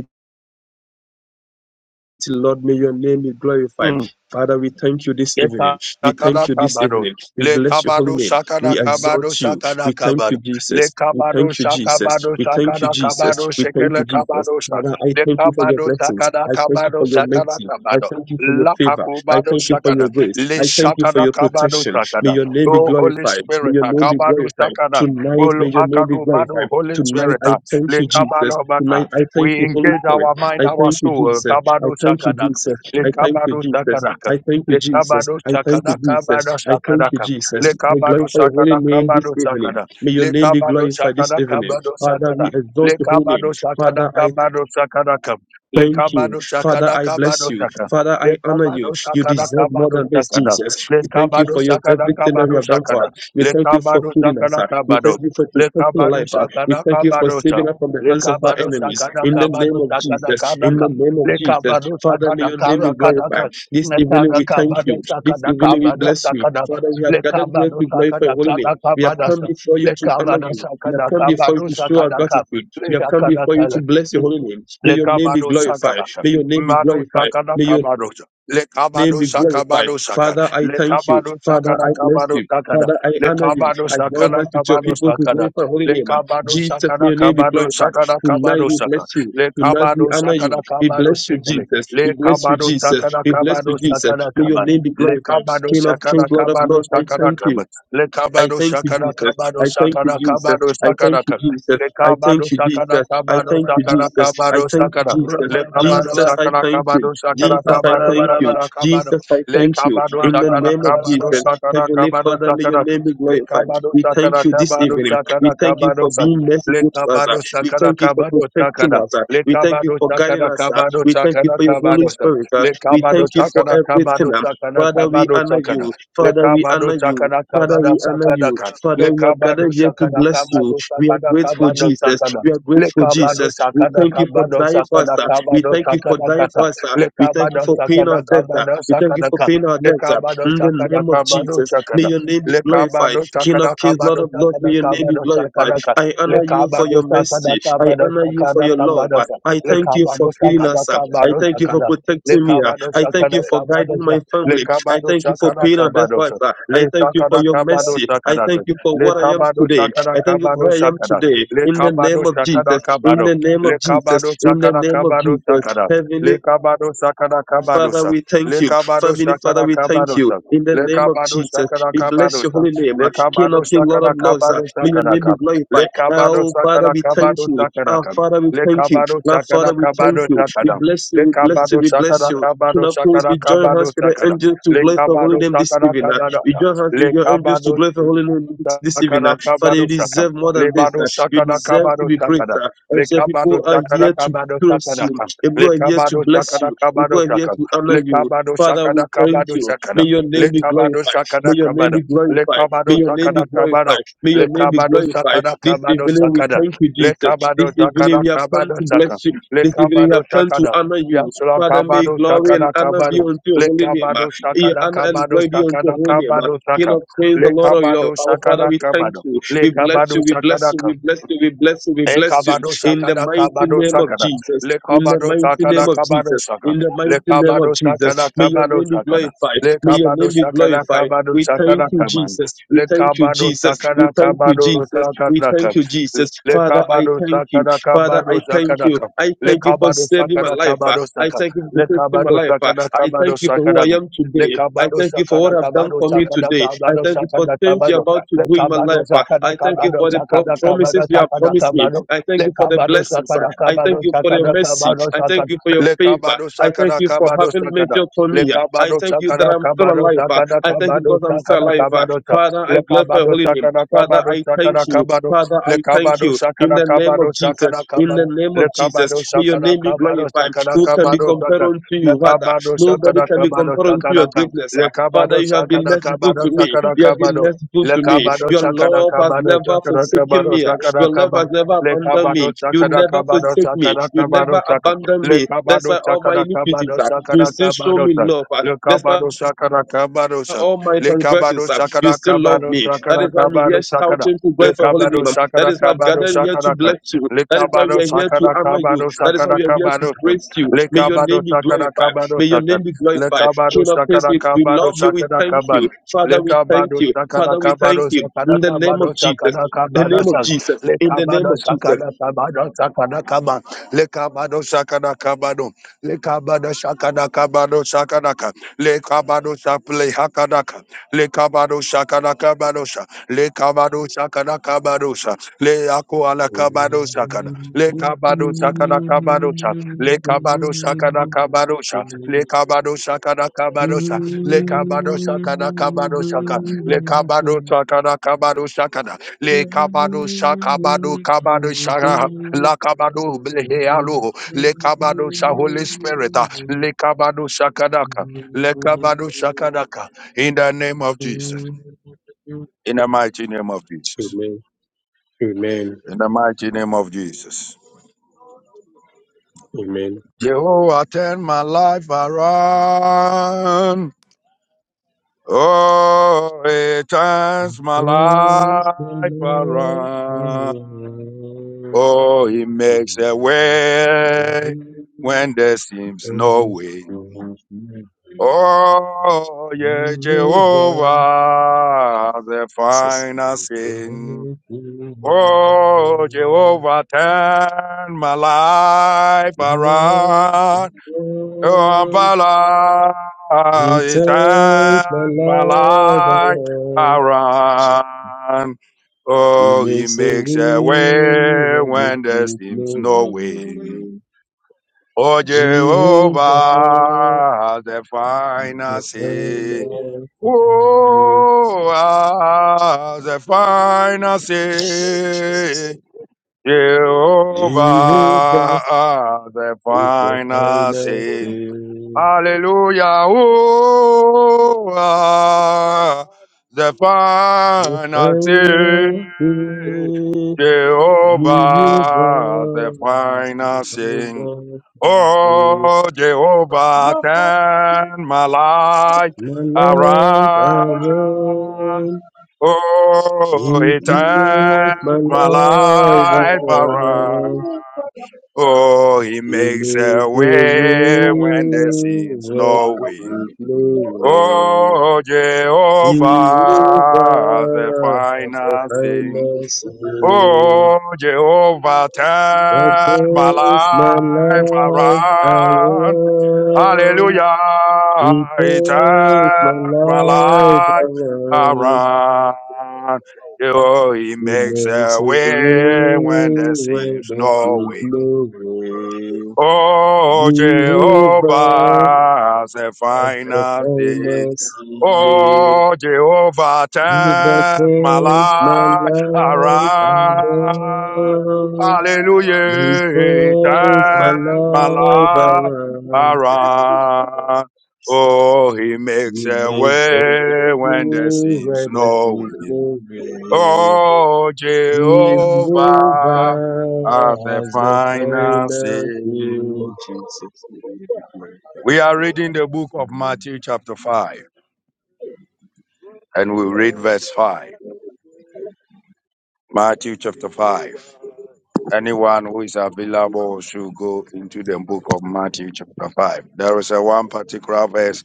Speaker 2: Lord, may your name be glorified.
Speaker 1: Hmm.
Speaker 2: Father, we thank you this evening.
Speaker 1: Leka-
Speaker 2: We
Speaker 1: Shakada
Speaker 2: thank you this
Speaker 1: kabado,
Speaker 2: evening. We
Speaker 1: le
Speaker 2: bless your holy
Speaker 1: kabado
Speaker 2: name.
Speaker 1: shakada
Speaker 2: We
Speaker 1: kabado
Speaker 2: exalt you.
Speaker 1: shakada
Speaker 2: We thank
Speaker 1: kabado,
Speaker 2: you,
Speaker 1: le
Speaker 2: Jesus. We
Speaker 1: kabado
Speaker 2: thank you, Jesus.
Speaker 1: shakabado
Speaker 2: We thank you,
Speaker 1: shakada kabado
Speaker 2: Jesus. We thank
Speaker 1: shekele
Speaker 2: you, Jesus.
Speaker 1: kabado sha,
Speaker 2: Father, I
Speaker 1: le
Speaker 2: thank you for your
Speaker 1: kabado
Speaker 2: blessings.
Speaker 1: shakada
Speaker 2: I thank you
Speaker 1: kabado
Speaker 2: for your
Speaker 1: shakada
Speaker 2: mercy. I
Speaker 1: kabado,
Speaker 2: thank you for your
Speaker 1: la
Speaker 2: favor. I
Speaker 1: hakubado
Speaker 2: thank you for
Speaker 1: shakada,
Speaker 2: your grace.
Speaker 1: le
Speaker 2: I thank you for
Speaker 1: shakada
Speaker 2: your
Speaker 1: kabado
Speaker 2: protection. May
Speaker 1: shakada.
Speaker 2: your name be
Speaker 1: Oh Holy
Speaker 2: glorified. May
Speaker 1: Spirit,
Speaker 2: your
Speaker 1: ah,
Speaker 2: name be
Speaker 1: kabado
Speaker 2: glorified.
Speaker 1: shakada, oh
Speaker 2: Tonight, may
Speaker 1: lo-
Speaker 2: your name be
Speaker 1: hakado bado
Speaker 2: glorified.
Speaker 1: Holy
Speaker 2: Tonight,
Speaker 1: Spirit,
Speaker 2: I
Speaker 1: ah,
Speaker 2: thank
Speaker 1: le
Speaker 2: you, Jesus.
Speaker 1: kabalo
Speaker 2: Tonight,
Speaker 1: baka.
Speaker 2: I thank
Speaker 1: We
Speaker 2: you, Holy
Speaker 1: engage
Speaker 2: Spirit.
Speaker 1: our mind,
Speaker 2: I
Speaker 1: our
Speaker 2: thank you,
Speaker 1: soul,
Speaker 2: Jesus. I
Speaker 1: kabado
Speaker 2: thank you,
Speaker 1: shakada,
Speaker 2: Jesus.
Speaker 1: le
Speaker 2: I thank you,
Speaker 1: kabado
Speaker 2: Jesus.
Speaker 1: shakada.
Speaker 2: I thank you, Jesus.
Speaker 1: Lekabado
Speaker 2: I thank
Speaker 1: sakada
Speaker 2: you, Jesus.
Speaker 1: kabado
Speaker 2: I thank
Speaker 1: sakada
Speaker 2: you,
Speaker 1: kam.
Speaker 2: Jesus. I
Speaker 1: Lekabado
Speaker 2: glorify your holy
Speaker 1: sakada
Speaker 2: name
Speaker 1: kabado
Speaker 2: this evening.
Speaker 1: sakada.
Speaker 2: May your name be
Speaker 1: Lekabado
Speaker 2: glorified this
Speaker 1: sakada
Speaker 2: evening.
Speaker 1: kabado
Speaker 2: Father, we
Speaker 1: sakada.
Speaker 2: exalt your holy name.
Speaker 1: Lekabado sakada
Speaker 2: Father, I
Speaker 1: kabado sakada kam.
Speaker 2: Thank you.
Speaker 1: Lekabado
Speaker 2: Father,
Speaker 1: sakada
Speaker 2: I bless
Speaker 1: kabado
Speaker 2: you.
Speaker 1: saka.
Speaker 2: Father, I honor
Speaker 1: Lekabado
Speaker 2: you. You
Speaker 1: sakada
Speaker 2: deserve more
Speaker 1: kabado
Speaker 2: than this,
Speaker 1: sakada.
Speaker 2: Jesus. We thank you
Speaker 1: Lekabado
Speaker 2: for your
Speaker 1: sakada
Speaker 2: everything that
Speaker 1: kabado
Speaker 2: you have done for
Speaker 1: sakada.
Speaker 2: us. We thank you for
Speaker 1: Lekabado
Speaker 2: feeding us.
Speaker 1: sakada
Speaker 2: uh. We
Speaker 1: kabado.
Speaker 2: thank you for protecting our
Speaker 1: Lekabado
Speaker 2: life. uh. We
Speaker 1: sakada
Speaker 2: thank you for
Speaker 1: kabado sakada
Speaker 2: saving us from the hands of our
Speaker 1: Lekabado
Speaker 2: enemies.
Speaker 1: sakada
Speaker 2: In the
Speaker 1: kabado
Speaker 2: name of
Speaker 1: sakada
Speaker 2: Jesus. In
Speaker 1: kabado.
Speaker 2: the name of Jesus.
Speaker 1: Lekabado
Speaker 2: Father, may
Speaker 1: sakada
Speaker 2: your name
Speaker 1: kabado
Speaker 2: be
Speaker 1: sakada
Speaker 2: glorified. This evening
Speaker 1: Lekada
Speaker 2: we thank
Speaker 1: kabada
Speaker 2: you. This
Speaker 1: sakada
Speaker 2: evening we
Speaker 1: kabada
Speaker 2: bless you.
Speaker 1: sakada
Speaker 2: Father, we have gathered here
Speaker 1: lekabada
Speaker 2: to glorify
Speaker 1: sakada
Speaker 2: your holy name.
Speaker 1: kada
Speaker 2: We have
Speaker 1: kabada
Speaker 2: come
Speaker 1: sa
Speaker 2: before you to honor
Speaker 1: lekabada
Speaker 2: you. We have
Speaker 1: sakada
Speaker 2: come before
Speaker 1: kabada
Speaker 2: you to show our
Speaker 1: sakada kab
Speaker 2: gratitude. We have come
Speaker 1: lekada
Speaker 2: before you
Speaker 1: kala
Speaker 2: to bless your holy name. May your name be
Speaker 1: Lekabado
Speaker 2: glorified.
Speaker 1: sakadaka.
Speaker 2: May your name be
Speaker 1: Mado
Speaker 2: glorified. May
Speaker 1: sakadaka
Speaker 2: your
Speaker 1: badosa.
Speaker 2: name
Speaker 1: Lekabado
Speaker 2: be glorified.
Speaker 1: sakabado sakada.
Speaker 2: Father, I thank you.
Speaker 1: Lekabado
Speaker 2: Father, I
Speaker 1: sakadaka
Speaker 2: bless
Speaker 1: bado
Speaker 2: you.
Speaker 1: sakada.
Speaker 2: Father, I honor you.
Speaker 1: Lekabado
Speaker 2: I join hands with
Speaker 1: sakadaka
Speaker 2: your
Speaker 1: bado
Speaker 2: people to
Speaker 1: sakada.
Speaker 2: glorify your holy name.
Speaker 1: Lekabado
Speaker 2: Jesus, may your
Speaker 1: sakadaka
Speaker 2: name be
Speaker 1: bado
Speaker 2: glorified.
Speaker 1: sakadaka
Speaker 2: Tonight
Speaker 1: bado
Speaker 2: we
Speaker 1: saka.
Speaker 2: bless you. Tonight we
Speaker 1: Lekabado
Speaker 2: honor you.
Speaker 1: sakadaka
Speaker 2: We
Speaker 1: bado
Speaker 2: bless you,
Speaker 1: sekele.
Speaker 2: Jesus. We bless you,
Speaker 1: Lekabado
Speaker 2: Jesus. We
Speaker 1: sakadaka
Speaker 2: bless you,
Speaker 1: bado
Speaker 2: Jesus. May
Speaker 1: sakadaka
Speaker 2: your
Speaker 1: ban.
Speaker 2: name be glorified.
Speaker 1: Lekabado
Speaker 2: King of kings,
Speaker 1: sakadaka
Speaker 2: Lord of
Speaker 1: bado
Speaker 2: lords, I
Speaker 1: sakada
Speaker 2: thank you.
Speaker 1: ban.
Speaker 2: I
Speaker 1: Lekabado
Speaker 2: thank you,
Speaker 1: sakadaka
Speaker 2: Jesus.
Speaker 1: bado
Speaker 2: I thank you,
Speaker 1: sakada
Speaker 2: Jesus.
Speaker 1: kabado
Speaker 2: I thank you,
Speaker 1: sakada
Speaker 2: Jesus. I
Speaker 1: Lekabado
Speaker 2: thank you,
Speaker 1: sakara
Speaker 2: Jesus. I
Speaker 1: kabado
Speaker 2: thank you,
Speaker 1: sakara
Speaker 2: Jesus.
Speaker 1: kabado
Speaker 2: I thank you,
Speaker 1: sakara.
Speaker 2: Jesus.
Speaker 1: Lekabado
Speaker 2: Jesus, I
Speaker 1: sakara
Speaker 2: thank you.
Speaker 1: kabado sakara
Speaker 2: Jesus, I
Speaker 1: kabado
Speaker 2: thank you.
Speaker 1: sakara kabado.
Speaker 2: Jesus, I thank you.
Speaker 1: Lekabado
Speaker 2: In the
Speaker 1: sakara
Speaker 2: name of Jesus,
Speaker 1: kabado sakara
Speaker 2: Heavenly
Speaker 1: kabado
Speaker 2: Father, may
Speaker 1: sakara.
Speaker 2: your name be glorified.
Speaker 1: Lekabado
Speaker 2: We
Speaker 1: sakara
Speaker 2: thank you this
Speaker 1: kabado
Speaker 2: evening.
Speaker 1: sakara
Speaker 2: We thank you
Speaker 1: kabado
Speaker 2: for
Speaker 1: sakara.
Speaker 2: being merciful to us. uh.
Speaker 1: Lekabado
Speaker 2: We
Speaker 1: sakara
Speaker 2: thank you for
Speaker 1: kabado
Speaker 2: protecting
Speaker 1: sakara.
Speaker 2: us. uh. We thank you
Speaker 1: Lekabado
Speaker 2: for guiding
Speaker 1: sakara
Speaker 2: us. uh.
Speaker 1: kabado
Speaker 2: We thank you
Speaker 1: sakara
Speaker 2: for your
Speaker 1: kabado
Speaker 2: Holy
Speaker 1: sakara.
Speaker 2: Spirit. uh. We
Speaker 1: Lekabado
Speaker 2: thank you for
Speaker 1: sakara kabado
Speaker 2: everything. uh.
Speaker 1: sakara
Speaker 2: Father, we
Speaker 1: kabado
Speaker 2: honor
Speaker 1: sakara.
Speaker 2: you. Father, we
Speaker 1: Lekabado
Speaker 2: honor you.
Speaker 1: kabado sakara
Speaker 2: Father,
Speaker 1: kabado
Speaker 2: we honor you.
Speaker 1: sakara. Le
Speaker 2: Father, we have
Speaker 1: kabado
Speaker 2: gathered here to
Speaker 1: sakada
Speaker 2: bless you.
Speaker 1: kabado
Speaker 2: We are
Speaker 1: sakada
Speaker 2: grateful,
Speaker 1: kabado
Speaker 2: Jesus.
Speaker 1: sakada.
Speaker 2: We are
Speaker 1: Le
Speaker 2: grateful,
Speaker 1: kabado
Speaker 2: Jesus. We
Speaker 1: sakada
Speaker 2: thank you for
Speaker 1: kabado
Speaker 2: dying for us.
Speaker 1: sakada
Speaker 2: sir. We
Speaker 1: kabado
Speaker 2: thank you for
Speaker 1: sakada
Speaker 2: dying
Speaker 1: kata.
Speaker 2: for us. sir.
Speaker 1: Le
Speaker 2: We thank you
Speaker 1: kabado
Speaker 2: for paying
Speaker 1: sakada
Speaker 2: our debt. sir.
Speaker 1: kabado
Speaker 2: We thank you
Speaker 1: sakada
Speaker 2: for
Speaker 1: ka.
Speaker 2: paying our
Speaker 1: Le
Speaker 2: debt. sir.
Speaker 1: kabado
Speaker 2: In the
Speaker 1: sakada
Speaker 2: name of
Speaker 1: kabado
Speaker 2: Jesus, may
Speaker 1: sakada.
Speaker 2: your name be
Speaker 1: Le
Speaker 2: glorified.
Speaker 1: kabado
Speaker 2: King
Speaker 1: sakada
Speaker 2: of kings, Lord
Speaker 1: kabado
Speaker 2: of lords, may
Speaker 1: sakada
Speaker 2: your name be
Speaker 1: kabado
Speaker 2: glorified.
Speaker 1: sakada ka.
Speaker 2: I
Speaker 1: Le
Speaker 2: honor you for
Speaker 1: kabado
Speaker 2: your
Speaker 1: sakada
Speaker 2: mercy. I
Speaker 1: kabado
Speaker 2: honor you for
Speaker 1: sakada
Speaker 2: your love.
Speaker 1: kabado
Speaker 2: Sir.
Speaker 1: sa.
Speaker 2: I
Speaker 1: Le
Speaker 2: thank you
Speaker 1: kabado
Speaker 2: for feeding
Speaker 1: sakada
Speaker 2: us. sir. I
Speaker 1: kabado
Speaker 2: thank you for
Speaker 1: sakada. Le
Speaker 2: protecting me. Sir.
Speaker 1: kabado
Speaker 2: I thank
Speaker 1: sakada
Speaker 2: you for
Speaker 1: kabado
Speaker 2: guiding
Speaker 1: sa.
Speaker 2: my
Speaker 1: Le
Speaker 2: family. I
Speaker 1: kabado
Speaker 2: thank you for
Speaker 1: sakada
Speaker 2: pain and death.
Speaker 1: kabado sa.
Speaker 2: Father. I
Speaker 1: Le
Speaker 2: thank you for
Speaker 1: sakada
Speaker 2: your
Speaker 1: kabado
Speaker 2: mercy. I
Speaker 1: sakada
Speaker 2: thank you for
Speaker 1: Le
Speaker 2: what I am
Speaker 1: kabado
Speaker 2: today.
Speaker 1: shakada
Speaker 2: I thank you for
Speaker 1: kabado
Speaker 2: where I am
Speaker 1: shakada.
Speaker 2: today.
Speaker 1: Le
Speaker 2: In the
Speaker 1: kabado
Speaker 2: name of
Speaker 1: shakada
Speaker 2: Jesus. In
Speaker 1: kabado.
Speaker 2: the name of
Speaker 1: Le
Speaker 2: Jesus.
Speaker 1: kabado
Speaker 2: In the
Speaker 1: shakada
Speaker 2: name of
Speaker 1: kabado
Speaker 2: Jesus.
Speaker 1: shakada.
Speaker 2: Heavenly
Speaker 1: Le kabado shakada kabado
Speaker 2: Father,
Speaker 1: shak.
Speaker 2: we thank
Speaker 1: Le
Speaker 2: you.
Speaker 1: kabado
Speaker 2: Heavenly
Speaker 1: shakada
Speaker 2: Father, we thank
Speaker 1: kabado
Speaker 2: you.
Speaker 1: shak.
Speaker 2: In the
Speaker 1: Le
Speaker 2: name of
Speaker 1: kabado
Speaker 2: Jesus,
Speaker 1: shakada
Speaker 2: we bless
Speaker 1: kabado
Speaker 2: your
Speaker 1: shak.
Speaker 2: holy name.
Speaker 1: Le
Speaker 2: Uh, King
Speaker 1: kabado
Speaker 2: of King, Lord
Speaker 1: shakada
Speaker 2: of Lords, uh,
Speaker 1: kabado
Speaker 2: may your
Speaker 1: shakada
Speaker 2: name be
Speaker 1: kab. Le
Speaker 2: glorified.
Speaker 1: kabado
Speaker 2: Oh, Father,
Speaker 1: shakada
Speaker 2: we thank
Speaker 1: kabado
Speaker 2: you.
Speaker 1: shakada
Speaker 2: Our
Speaker 1: kab.
Speaker 2: Father, we
Speaker 1: Le
Speaker 2: thank you.
Speaker 1: kabado
Speaker 2: Our
Speaker 1: shakada
Speaker 2: Father, we thank
Speaker 1: kabado
Speaker 2: you. We
Speaker 1: shakada.
Speaker 2: bless you,
Speaker 1: Le
Speaker 2: we bless
Speaker 1: kabado
Speaker 2: you, we
Speaker 1: shakada
Speaker 2: bless you.
Speaker 1: kabado
Speaker 2: King of Kings,
Speaker 1: shakada
Speaker 2: we join
Speaker 1: kabado
Speaker 2: hands with the
Speaker 1: shakada.
Speaker 2: angels to
Speaker 1: Le
Speaker 2: glorify your
Speaker 1: kabado
Speaker 2: holy name this
Speaker 1: shakada
Speaker 2: evening. uh. We join hands with your angels
Speaker 1: kabado
Speaker 2: to
Speaker 1: shak.
Speaker 2: glorify your holy name this, this evening. uh. Father, you
Speaker 1: Sakadakabado Saka,
Speaker 2: deserve more than this.
Speaker 1: Lebado
Speaker 2: uh. You deserve to
Speaker 1: Sakadakabado
Speaker 2: be praised.
Speaker 1: sakada
Speaker 2: uh. And so
Speaker 1: Lekabado
Speaker 2: people are here to
Speaker 1: Sakadakabado
Speaker 2: praise you.
Speaker 1: Sakadaka,
Speaker 2: And we are here to
Speaker 1: Lekabado
Speaker 2: bless you. We
Speaker 1: Sakadakabado
Speaker 2: go here
Speaker 1: Saka,
Speaker 2: to honor you.
Speaker 1: Lekabado
Speaker 2: Father, we thank
Speaker 1: Sakadakabado
Speaker 2: you. May
Speaker 1: sakada.
Speaker 2: your name be glorified.
Speaker 1: Lekabado
Speaker 2: May your name
Speaker 1: Sakadakabado,
Speaker 2: be glorified. May
Speaker 1: Lekabado
Speaker 2: your name be
Speaker 1: Sakadakabado,
Speaker 2: glorified. May your name be
Speaker 1: Lekabado
Speaker 2: glorified. This
Speaker 1: Sakadakabado
Speaker 2: evening we
Speaker 1: sakada
Speaker 2: thank
Speaker 1: Sakadakabarusaka.
Speaker 2: you, Jesus. This
Speaker 1: Lebarusakadakabarusakada.
Speaker 2: evening we have come to bless you.
Speaker 1: Lekabarusakadakabarusakadaka.
Speaker 2: This evening we have come to
Speaker 1: Lekabarusakadakabarusaka.
Speaker 2: honor
Speaker 1: Lekabarusakadakabarusakada.
Speaker 2: you. Father, may glory and
Speaker 1: Lekabarusakadakabada.
Speaker 2: honor be
Speaker 1: kabado Lekabarusakadakabarusakada. Lekabarusakadakabarusaka. Lekabarusakada. Yasulakabarusakadakabaru.
Speaker 2: unto your holy name. May your honor and glory be unto your holy name.
Speaker 1: Lekabarusakadakabarusakadakabarusaka.
Speaker 2: King of Kings, the Lord of Lords.
Speaker 1: Lekabado
Speaker 2: Our Father,
Speaker 1: Sakada
Speaker 2: we thank
Speaker 1: Kabado.
Speaker 2: you. We bless
Speaker 1: Lekabado
Speaker 2: you. We bless
Speaker 1: Sakada
Speaker 2: you. We
Speaker 1: Kam.
Speaker 2: bless you. We bless you. We bless you.
Speaker 1: Ekabado
Speaker 2: In the
Speaker 1: Sakada
Speaker 2: mighty
Speaker 1: Kabado
Speaker 2: name of
Speaker 1: Sakada.
Speaker 2: Jesus. In the
Speaker 1: Lekabado
Speaker 2: mighty
Speaker 1: Sakada
Speaker 2: name of
Speaker 1: Kabado
Speaker 2: Jesus.
Speaker 1: Saka.
Speaker 2: In the mighty name of
Speaker 1: Lekabado
Speaker 2: Jesus.
Speaker 1: Sakada
Speaker 2: May your
Speaker 1: Kabado
Speaker 2: name be
Speaker 1: Sakada.
Speaker 2: glorified. May your
Speaker 1: Lekabado
Speaker 2: name be
Speaker 1: Sakada
Speaker 2: glorified.
Speaker 1: Kabado
Speaker 2: We thank
Speaker 1: Sakada
Speaker 2: you,
Speaker 1: Kaman.
Speaker 2: Jesus. We thank you,
Speaker 1: Lekabado
Speaker 2: Jesus. We
Speaker 1: Sakada
Speaker 2: thank you,
Speaker 1: Kabado
Speaker 2: Jesus. We
Speaker 1: Sakada Kam.
Speaker 2: thank you, Jesus. Father, I
Speaker 1: Lekabado
Speaker 2: thank you.
Speaker 1: Sakada
Speaker 2: Father, I
Speaker 1: Kabado
Speaker 2: thank
Speaker 1: Sakada
Speaker 2: you.
Speaker 1: Kam.
Speaker 2: I thank you for
Speaker 1: Lekabado
Speaker 2: saving my
Speaker 1: Sakada
Speaker 2: life. ah.
Speaker 1: Kabado
Speaker 2: I
Speaker 1: Saka.
Speaker 2: thank you for saving my
Speaker 1: Lekabado
Speaker 2: life. ah.
Speaker 1: Sakada
Speaker 2: I thank
Speaker 1: Kabado
Speaker 2: you for who I
Speaker 1: Sakada
Speaker 2: am
Speaker 1: Le
Speaker 2: today. I
Speaker 1: kabado
Speaker 2: thank you for what
Speaker 1: shakada
Speaker 2: I've done
Speaker 1: kabado
Speaker 2: for me
Speaker 1: shakada
Speaker 2: today. I
Speaker 1: kabado
Speaker 2: thank you for
Speaker 1: shakada
Speaker 2: things you're
Speaker 1: kabado.
Speaker 2: about to
Speaker 1: Le
Speaker 2: do in my
Speaker 1: kabado
Speaker 2: life. ah.
Speaker 1: shakada
Speaker 2: I thank you
Speaker 1: kabado
Speaker 2: for the pro-
Speaker 1: shakada kabado
Speaker 2: promises you have
Speaker 1: shakada
Speaker 2: promised me.
Speaker 1: kabado.
Speaker 2: I thank
Speaker 1: Le
Speaker 2: you for the
Speaker 1: kabado
Speaker 2: blessings. ah.
Speaker 1: shakada
Speaker 2: I thank
Speaker 1: kabado
Speaker 2: you for your
Speaker 1: shakada
Speaker 2: mercy.
Speaker 1: kabado
Speaker 2: I thank
Speaker 1: shakada.
Speaker 2: you for your
Speaker 1: Le
Speaker 2: favor.
Speaker 1: kabado
Speaker 2: I thank
Speaker 1: shakada
Speaker 2: you for
Speaker 1: kabado
Speaker 2: having made
Speaker 1: shakada.
Speaker 2: your for
Speaker 1: Le
Speaker 2: me. ah. I
Speaker 1: kabado
Speaker 2: thank you that
Speaker 1: shakada
Speaker 2: I'm still
Speaker 1: kabado
Speaker 2: alive. ah.
Speaker 1: shakada
Speaker 2: I thank you
Speaker 1: kabado
Speaker 2: because I'm still
Speaker 1: shakada
Speaker 2: alive.
Speaker 1: kabado shakada.
Speaker 2: Father,
Speaker 1: Le
Speaker 2: I glorify your
Speaker 1: kabado
Speaker 2: holy name.
Speaker 1: shakada
Speaker 2: Father,
Speaker 1: kabado
Speaker 2: I thank
Speaker 1: shakada
Speaker 2: you.
Speaker 1: kabado.
Speaker 2: Father,
Speaker 1: Le
Speaker 2: I thank
Speaker 1: kabado
Speaker 2: you. In
Speaker 1: shakada
Speaker 2: the name
Speaker 1: kabado
Speaker 2: of Jesus,
Speaker 1: shakada
Speaker 2: in
Speaker 1: kabado.
Speaker 2: the name of
Speaker 1: Le
Speaker 2: Jesus,
Speaker 1: kabado
Speaker 2: may your
Speaker 1: shakada
Speaker 2: name be
Speaker 1: kabado
Speaker 2: glorified.
Speaker 1: shakada
Speaker 2: Who can be
Speaker 1: kabado shakada.
Speaker 2: compared unto you, Father?
Speaker 1: Lekabado
Speaker 2: Nobody
Speaker 1: shakada
Speaker 2: can be
Speaker 1: kabado
Speaker 2: compared unto
Speaker 1: shakada
Speaker 2: your
Speaker 1: kab.
Speaker 2: greatness. ah. Father,
Speaker 1: Lekabado
Speaker 2: you have been
Speaker 1: shakada
Speaker 2: merciful
Speaker 1: kabado
Speaker 2: to me.
Speaker 1: shakada
Speaker 2: You have been
Speaker 1: kabado.
Speaker 2: merciful to me.
Speaker 1: Lekabado
Speaker 2: Your
Speaker 1: shakada
Speaker 2: love has
Speaker 1: kabado
Speaker 2: never
Speaker 1: shakada
Speaker 2: forsaken
Speaker 1: kabado
Speaker 2: me. ah.
Speaker 1: shakada
Speaker 2: Your love
Speaker 1: kabado.
Speaker 2: has never abandoned
Speaker 1: Lekabado
Speaker 2: me. You
Speaker 1: shakada
Speaker 2: never
Speaker 1: kabado
Speaker 2: forsake me.
Speaker 1: shakada
Speaker 2: You
Speaker 1: kabado
Speaker 2: never
Speaker 1: shakab.
Speaker 2: abandon me.
Speaker 1: Lekabado
Speaker 2: That's why all my
Speaker 1: shakada
Speaker 2: iniquities,
Speaker 1: kabado
Speaker 2: ah, you
Speaker 1: shakada
Speaker 2: still show
Speaker 1: kabado
Speaker 2: me
Speaker 1: shak.
Speaker 2: love. ah. That's why
Speaker 1: Lekabado shakada kabado shak.
Speaker 2: all my
Speaker 1: Lekabado
Speaker 2: transgressions, uh, you
Speaker 1: shakada
Speaker 2: still love
Speaker 1: kabado
Speaker 2: me. That is
Speaker 1: shakada
Speaker 2: why I'm
Speaker 1: kabado
Speaker 2: here
Speaker 1: shakada.
Speaker 2: shouting to God for holy
Speaker 1: Lekabado
Speaker 2: name. um, That
Speaker 1: shakada
Speaker 2: is why I've
Speaker 1: kabado
Speaker 2: gathered here to
Speaker 1: shakada kab.
Speaker 2: bless you. That is why we
Speaker 1: Lekabado
Speaker 2: are here to
Speaker 1: shakada
Speaker 2: honor you.
Speaker 1: kabado
Speaker 2: That is why
Speaker 1: shakada
Speaker 2: we are here to
Speaker 1: kabado
Speaker 2: praise you. May your
Speaker 1: Lekabado
Speaker 2: name be
Speaker 1: sakada
Speaker 2: glorified.
Speaker 1: kabado
Speaker 2: May your name
Speaker 1: sakan.
Speaker 2: be glorified.
Speaker 1: Lekabado
Speaker 2: King of Kings,
Speaker 1: sakada
Speaker 2: we, we
Speaker 1: kabado
Speaker 2: love you. We
Speaker 1: sakada
Speaker 2: thank you.
Speaker 1: kaban.
Speaker 2: Father, we thank
Speaker 1: Lekabado
Speaker 2: you.
Speaker 1: sakada
Speaker 2: Father, we
Speaker 1: kabado
Speaker 2: thank you.
Speaker 1: sakada
Speaker 2: In the name
Speaker 1: kabado
Speaker 2: of Jesus.
Speaker 1: sakada
Speaker 2: The
Speaker 1: kabado
Speaker 2: name of
Speaker 1: sak.
Speaker 2: Jesus. In the name
Speaker 1: Lekabado
Speaker 2: of
Speaker 1: sakada kabado sakada kaban. Lekabado sakada kabado. Lekabado sakada kabado sakada ka. Le kabado saple hakada ka. Lekabado sakada kabado sa. Lekabado sakada kabado sa. Le ako ala kabado sakada. Le Lekabado shakada kabadosha. Lekabado shakada kabadosha.
Speaker 2: Jesus.
Speaker 1: Lekabado shakada
Speaker 2: Amen.
Speaker 1: kabadosha. Lekabado shakada kabadosha. Lekabado shakada kabadosha. Lekabado shakabado kabado shaka. La kabado Lakabado blehealu. kabado sha Holy Spirit. Lekabado shakadaka. kabado shakadaka. In the name of Jesus. In the mighty name of Jesus.
Speaker 2: Amen.
Speaker 1: In the mighty name of Jesus.
Speaker 2: Amen.
Speaker 1: Jehovah turn my life around. Oh, he turns my
Speaker 2: Praise
Speaker 1: life
Speaker 2: the Lord.
Speaker 1: around. Oh, he makes a way when
Speaker 2: Hallelujah.
Speaker 1: there seems no way. Oh, yeah, Jehovah, the
Speaker 2: He
Speaker 1: final
Speaker 2: turns
Speaker 1: sin. Oh, Jehovah, turn my life around. Oh, Ampala, it
Speaker 2: my
Speaker 1: turns my
Speaker 2: life
Speaker 1: life
Speaker 3: Amen.
Speaker 2: around.
Speaker 1: around.
Speaker 2: He
Speaker 1: Oh, he
Speaker 2: makes a
Speaker 1: makes a
Speaker 2: way
Speaker 1: way
Speaker 2: where the
Speaker 1: when there
Speaker 2: good
Speaker 1: seems no way.
Speaker 2: man.
Speaker 1: Oh, Jehovah
Speaker 2: Jehovah,
Speaker 1: has the
Speaker 2: is
Speaker 1: final
Speaker 2: the
Speaker 1: say.
Speaker 2: fellow.
Speaker 1: Oh, has the final
Speaker 2: Jesus.
Speaker 1: say.
Speaker 2: Jehovah,
Speaker 1: Jehovah has the
Speaker 2: is the
Speaker 1: final
Speaker 2: final
Speaker 1: say.
Speaker 2: thing.
Speaker 1: Hallelujah. Oh, ah, the
Speaker 2: The
Speaker 1: panacea.
Speaker 2: founder who
Speaker 1: Jehovah, the
Speaker 2: was the
Speaker 1: final thing.
Speaker 2: founder who
Speaker 1: Oh, Jehovah,
Speaker 4: Amen.
Speaker 1: turn my life
Speaker 2: my life
Speaker 1: around.
Speaker 2: around. He
Speaker 1: Oh, it
Speaker 2: turns my
Speaker 1: turns my
Speaker 2: life
Speaker 1: life around.
Speaker 2: around.
Speaker 1: Oh, he
Speaker 2: He
Speaker 1: makes a
Speaker 2: makes a
Speaker 1: way
Speaker 2: way
Speaker 1: when there seems
Speaker 2: where
Speaker 1: no
Speaker 2: there
Speaker 1: way.
Speaker 2: seems no way.
Speaker 1: Oh, Jehovah, the
Speaker 2: Jehovah, the
Speaker 1: final thing.
Speaker 2: final say.
Speaker 1: Oh, Jehovah,
Speaker 2: What
Speaker 1: turn my
Speaker 2: if my
Speaker 1: life
Speaker 2: life I
Speaker 1: around.
Speaker 2: am?
Speaker 1: Hallelujah.
Speaker 2: He
Speaker 1: It
Speaker 2: takes
Speaker 1: turns
Speaker 2: my
Speaker 1: my
Speaker 2: life
Speaker 1: life
Speaker 2: around.
Speaker 1: around. Oh, he
Speaker 2: He
Speaker 1: makes
Speaker 2: makes
Speaker 1: a
Speaker 2: a
Speaker 1: way when there
Speaker 2: way where
Speaker 1: seems
Speaker 2: there
Speaker 1: no
Speaker 2: seems
Speaker 1: way.
Speaker 2: no way.
Speaker 1: Oh,
Speaker 2: Jehovah
Speaker 1: Jehovah has a
Speaker 2: has the
Speaker 1: final say.
Speaker 2: famous name.
Speaker 1: Oh, Jehovah,
Speaker 2: Jehovah
Speaker 1: turn my
Speaker 2: takes my
Speaker 1: life
Speaker 2: life
Speaker 1: around.
Speaker 2: around. He
Speaker 1: Hallelujah,
Speaker 2: turns my
Speaker 1: turn my
Speaker 2: life
Speaker 1: life
Speaker 2: around.
Speaker 1: around. Oh, he makes
Speaker 2: You
Speaker 1: a
Speaker 2: make
Speaker 1: way when there seems
Speaker 2: everywhere that
Speaker 1: no
Speaker 2: we
Speaker 1: way.
Speaker 2: glory.
Speaker 1: Oh,
Speaker 2: Give over
Speaker 1: Jehovah, as a
Speaker 2: as the
Speaker 1: final
Speaker 2: final thing,
Speaker 1: thing.
Speaker 2: Jesus. We give you glory, Father.
Speaker 1: We are reading the book of
Speaker 2: Amen.
Speaker 1: Matthew chapter 5 and we read verse 5. Matthew chapter 5. Anyone who is available should go into the book of Matthew chapter 5. There is a one particular verse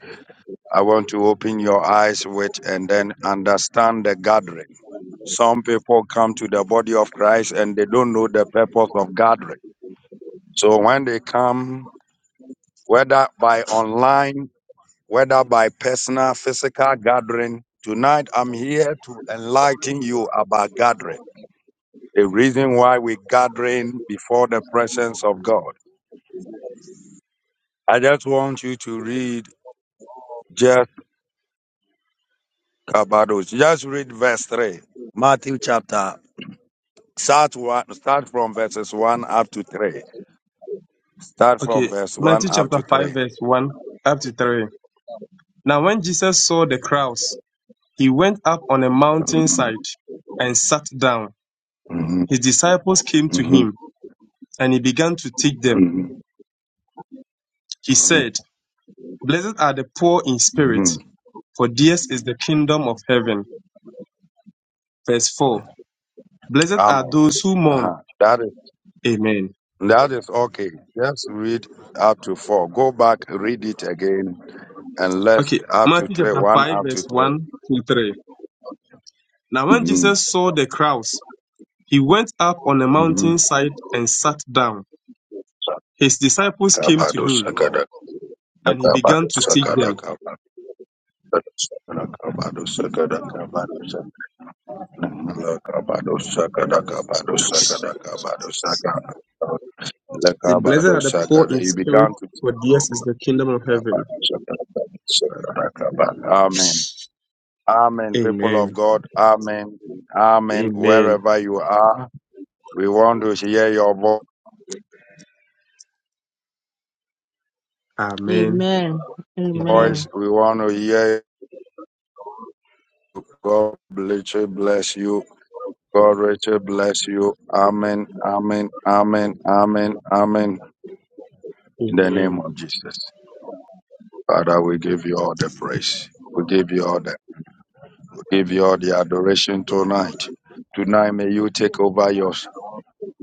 Speaker 1: I want to open your eyes with and then understand the gathering. Some people come to the body of Christ and they don't know the purpose of gathering. So when they come, whether by online, whether by personal, physical gathering, tonight I'm here to enlighten you about gathering. the reason why we're gathering before the presence of God. I just want you to read just about those. Just read verse 3, Matthew chapter. Start, one, start from verses 1 up to 3. Start from
Speaker 2: Okay,
Speaker 1: verse 1
Speaker 2: Matthew
Speaker 1: up
Speaker 2: chapter
Speaker 1: to
Speaker 2: 5,
Speaker 1: 3.
Speaker 2: verse 1 up to 3. Now, when Jesus saw the crowds, he went up on a mountainside and sat down.
Speaker 1: hmm
Speaker 2: His disciples came to
Speaker 1: hmm
Speaker 2: him, and he began to teach them.
Speaker 1: hmm
Speaker 2: He said, Blessed are the poor in spirit,
Speaker 1: hmm
Speaker 2: for theirs is the kingdom of heaven. verse 4. Blessed
Speaker 1: Amen.
Speaker 2: are those who mourn.
Speaker 1: Uh-huh. That is
Speaker 2: Amen.
Speaker 1: that is okay. Just read up to four. Go back, read it again, and let's
Speaker 2: Okay,
Speaker 1: up to
Speaker 2: Matthew
Speaker 1: three.
Speaker 2: chapter
Speaker 1: One
Speaker 2: 5,
Speaker 1: up to
Speaker 2: verse
Speaker 1: 3
Speaker 2: 1 to 3. Now, when Jesus
Speaker 1: Mm-hmm.
Speaker 2: saw the crowds, he went up on a
Speaker 1: Mm-hmm.
Speaker 2: mountainside and sat down. His disciples came to
Speaker 1: Kabado
Speaker 2: him,
Speaker 1: Sagada
Speaker 2: and he
Speaker 1: Kabado
Speaker 2: began to teach
Speaker 1: Sagada
Speaker 2: them.
Speaker 1: Kabado Sagada Kabado Sagada Kabado Sagada Kabado Sagada Kabado Sagada Kabado Sagada Le
Speaker 2: The blessed
Speaker 1: Kabado
Speaker 2: are the poor
Speaker 1: Sagada
Speaker 2: in
Speaker 1: You
Speaker 2: spirit,
Speaker 1: began to
Speaker 2: for
Speaker 1: teach
Speaker 2: theirs is the kingdom of heaven.
Speaker 1: Kabado Sagada Kabado
Speaker 2: Father,
Speaker 1: Sagada
Speaker 2: we thank
Speaker 1: Kabado Amen Amen
Speaker 2: you.
Speaker 1: people
Speaker 2: Amen.
Speaker 1: of God Amen Amen
Speaker 2: Amen.
Speaker 1: wherever you are we want to hear your
Speaker 2: Amen.
Speaker 3: Amen.
Speaker 1: voice
Speaker 2: Amen.
Speaker 3: Amen.
Speaker 1: we want to hear you. God bless you bless you God, Rachel, bless you. Amen, amen, amen, amen, amen. In the name
Speaker 2: Amen.
Speaker 1: of Jesus. Father, we give you all the praise. We give you all the, we give you all the adoration tonight. Tonight, may you take over yours.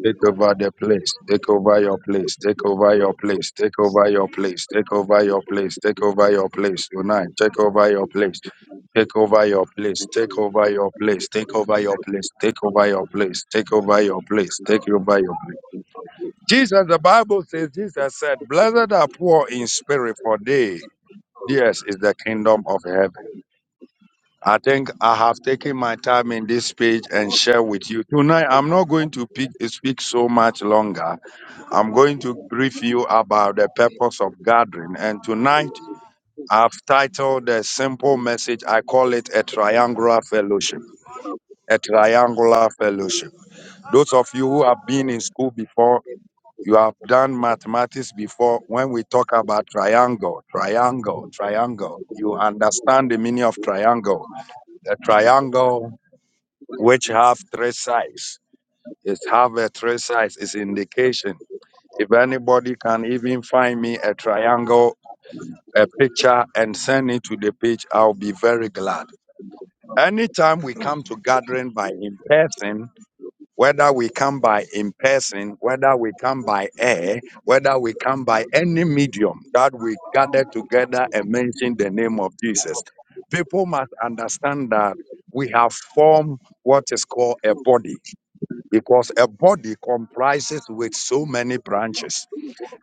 Speaker 1: Take over the place. Take over your place. Take over your place. Take over your place. Take over your place. Take over your place. Tonight, take over your place. Take over your place. Take over your place. Take over your place. Take over your place. Take over your place. Take over your place. Jesus, the Bible says, Jesus said, Blessed are poor in spirit, for they, theirs is the kingdom of heaven. I think I have taken my time in this page and share with you. Tonight, I'm not going to pick, speak so much longer. I'm going to brief you about the purpose of gathering. And tonight, I've titled the simple message, I call it a triangular fellowship. A triangular fellowship. Those of you who have been in school before, You have done mathematics before when we talk about triangle, triangle, triangle. You understand the meaning of triangle. A triangle which have three sides. It have a three sides. It's indication. If anybody can even find me a triangle, a picture, and send it to the page, I'll be very glad. Anytime we come to gathering by in person, whether we come by in person, whether we come by air, whether we come by any medium that we gather together and mention the name of Jesus. People must understand that we have formed what is called a body because a body comprises with so many branches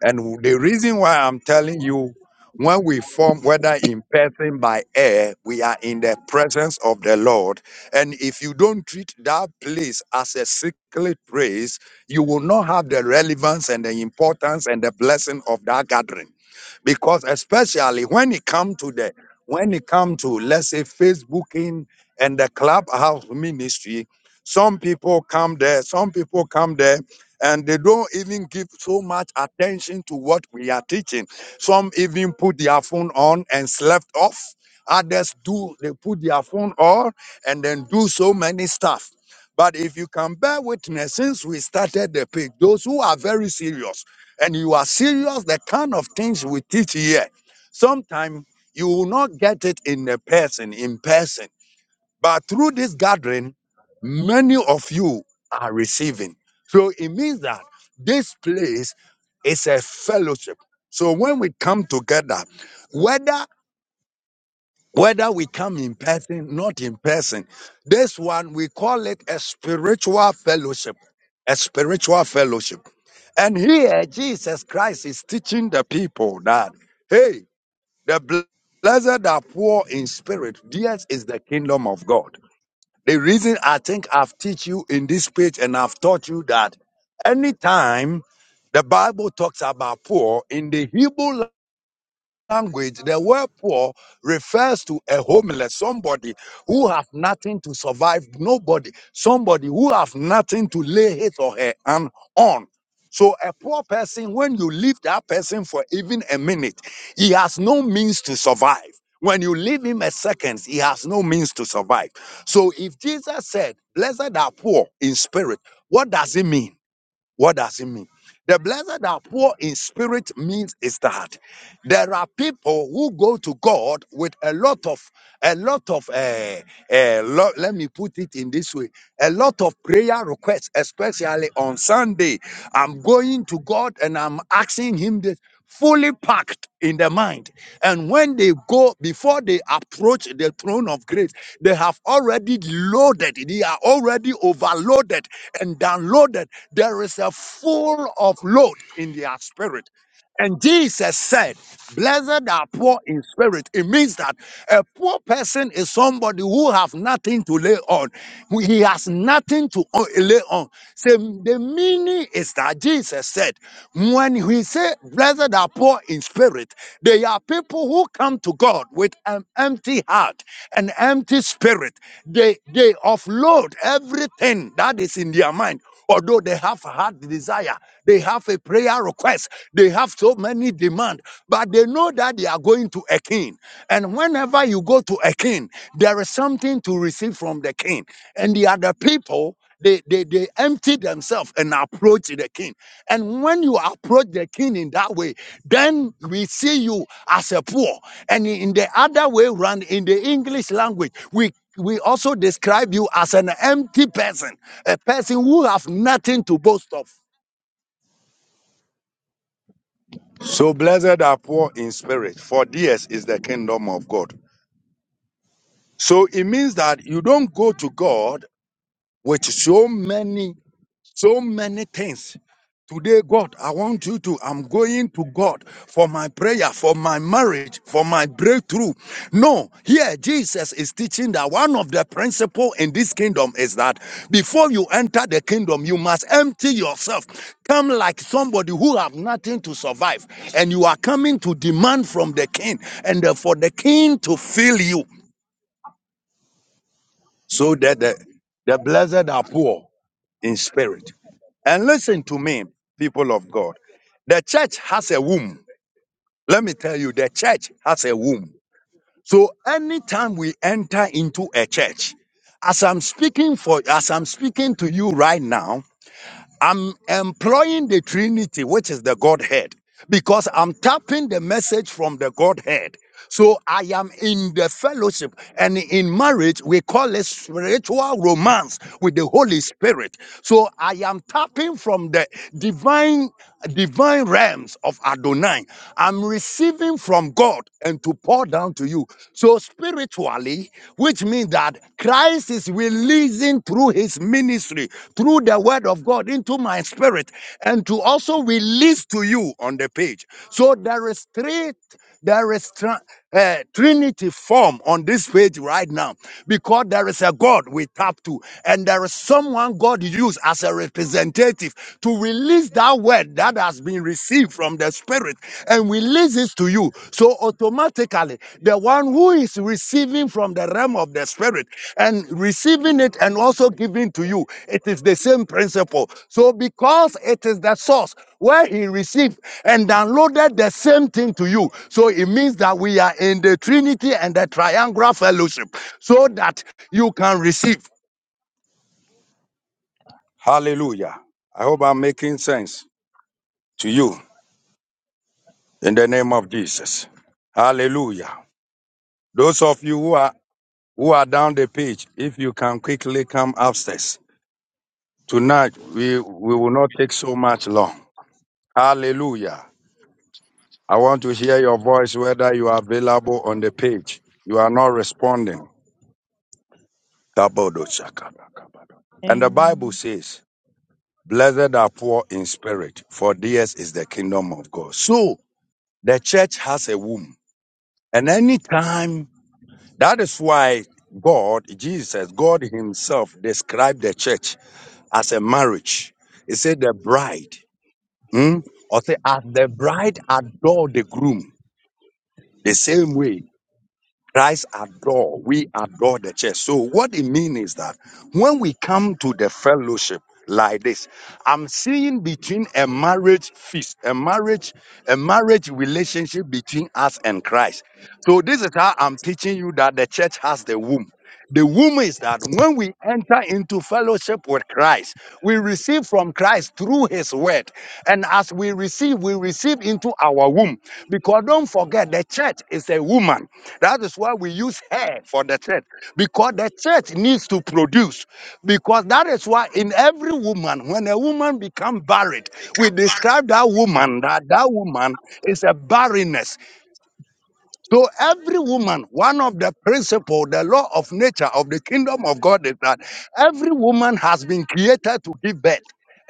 Speaker 1: and the reason why I'm telling you, when we form, whether in person by air, we are in the presence of the Lord. And if you don't treat that place as a secret place, you will not have the relevance and the importance and the blessing of that gathering because especially when it come to the when it come to let's say facebooking and the clubhouse ministry some people come there some people come there and they don't even give so much attention to what we are teaching some even put their phone on and slept off others do they put their phone on and then do so many stuff but if you can bear witness since we started the page those who are very serious and you are serious, the kind of things we teach here, sometimes you will not get it in a person, in person. But through this gathering, many of you are receiving. So it means that this place is a fellowship. So when we come together, whether whether we come in person, not in person, this one we call it a spiritual fellowship. A spiritual fellowship. And here Jesus Christ is teaching the people that, hey, the bl- blessed are poor in spirit. Theirs is the kingdom of God. The reason I think I've taught you in this page and I've taught you that anytime the Bible talks about poor in the Hebrew language, the word poor refers to a homeless, somebody who have nothing to survive, nobody, somebody who have nothing to lay his or her hand on. So a poor person, when you leave that person for even a minute, he has no means to survive. When you leave him a second, he has no means to survive. So if Jesus said, Blessed are poor in spirit, what does it mean? What does it mean? The blessed are poor in spirit means is that there are people who go to God with a lot of, a lot of, uh, uh, lo- let me put it in this way, a lot of prayer requests, especially on Sunday. I'm going to God and I'm asking Him this fully packed in the mind. And when they go, before they approach the throne of grace, they have already loaded, they are already overloaded and downloaded there is a full of load in their spirit. And Jesus said, Blessed are poor in spirit. It means that a poor person is somebody who have nothing to lay on. who- He has nothing to o- lay on. So the meaning is that Jesus said, when he said, Blessed are poor in spirit, they are people who come to God with an empty heart, an empty spirit. They they offload everything that is in their mind Although they have had heart desire, they have a prayer request, they have so many demand, but they know that they are going to a king. And whenever you go to a king, there is something to receive from the king. And the other people, they, they, they empty themselves and approach the king. And when you approach the king in that way, then we see you as a poor. And in the other way round, in the English language, we we also describe you as an empty person a person who have nothing to boast of. So blessed are poor in spirit, for theirs is the kingdom of God. So it means that you don't go to God with so many So many things. Today, God, I want you to, I'm going to God for my prayer, for my marriage, for my breakthrough. No, here Jesus is teaching that one of the principle in this kingdom is that before you enter the kingdom, you must empty yourself. Come like somebody who have nothing to survive. And you are coming to demand from the king and uh, for the king to fill you so that the, the blessed are poor in spirit. And listen to me, people of God. The church has a womb. Let me tell you, the church has a womb. So anytime we enter into a church, as I'm speaking for as I'm speaking to you right now, I'm employing the Trinity, which is the Godhead, because I'm tapping the message from the Godhead. So I am in the fellowship and in marriage, we call it spiritual romance with the Holy Spirit. So I am tapping from the divine, divine realms of Adonai. I'm receiving from God and to pour down to you. So spiritually, which means that Christ is releasing through his ministry, through the word of God into my spirit and to also release to you on the page. So there is three there is tra- uh, Trinity form on this page right now because there is a God we tap to, and there is someone God used as a representative to release that word that has been received from the Spirit and release it to you. So automatically, the one who is receiving from the realm of the spirit and receiving it and also giving to you. It is the same principle. So, because it is the source where he received and downloaded the same thing to you, so it means that we are in the Trinity and the triangular fellowship so that you can receive. Hallelujah. I hope I'm making sense to you in the name of Jesus. Hallelujah. Those of you who are who are down the page, if you can quickly come upstairs. Tonight, we, we will not take so much long. Hallelujah. I want to hear your voice whether you are available on the page. You are not responding. Kabodoshaka. And the
Speaker 5: Amen.
Speaker 1: Bible says, Blessed are poor in spirit, for theirs is the kingdom of God. So the church has a womb. And anytime, that is why God, Jesus, God Himself described the church as a church womb that when we enter into fellowship with Christ, we receive from Christ through his word. And as we receive, we receive into our womb. Because don't forget, the church is a woman. That is why we use her for the church. Because the church needs to produce. Because that is why in every woman, when a woman becomes barren, we describe that woman that that woman is a barrenness so every woman, one of the principle, the law of nature of the kingdom of God is that every woman has been created to give birth.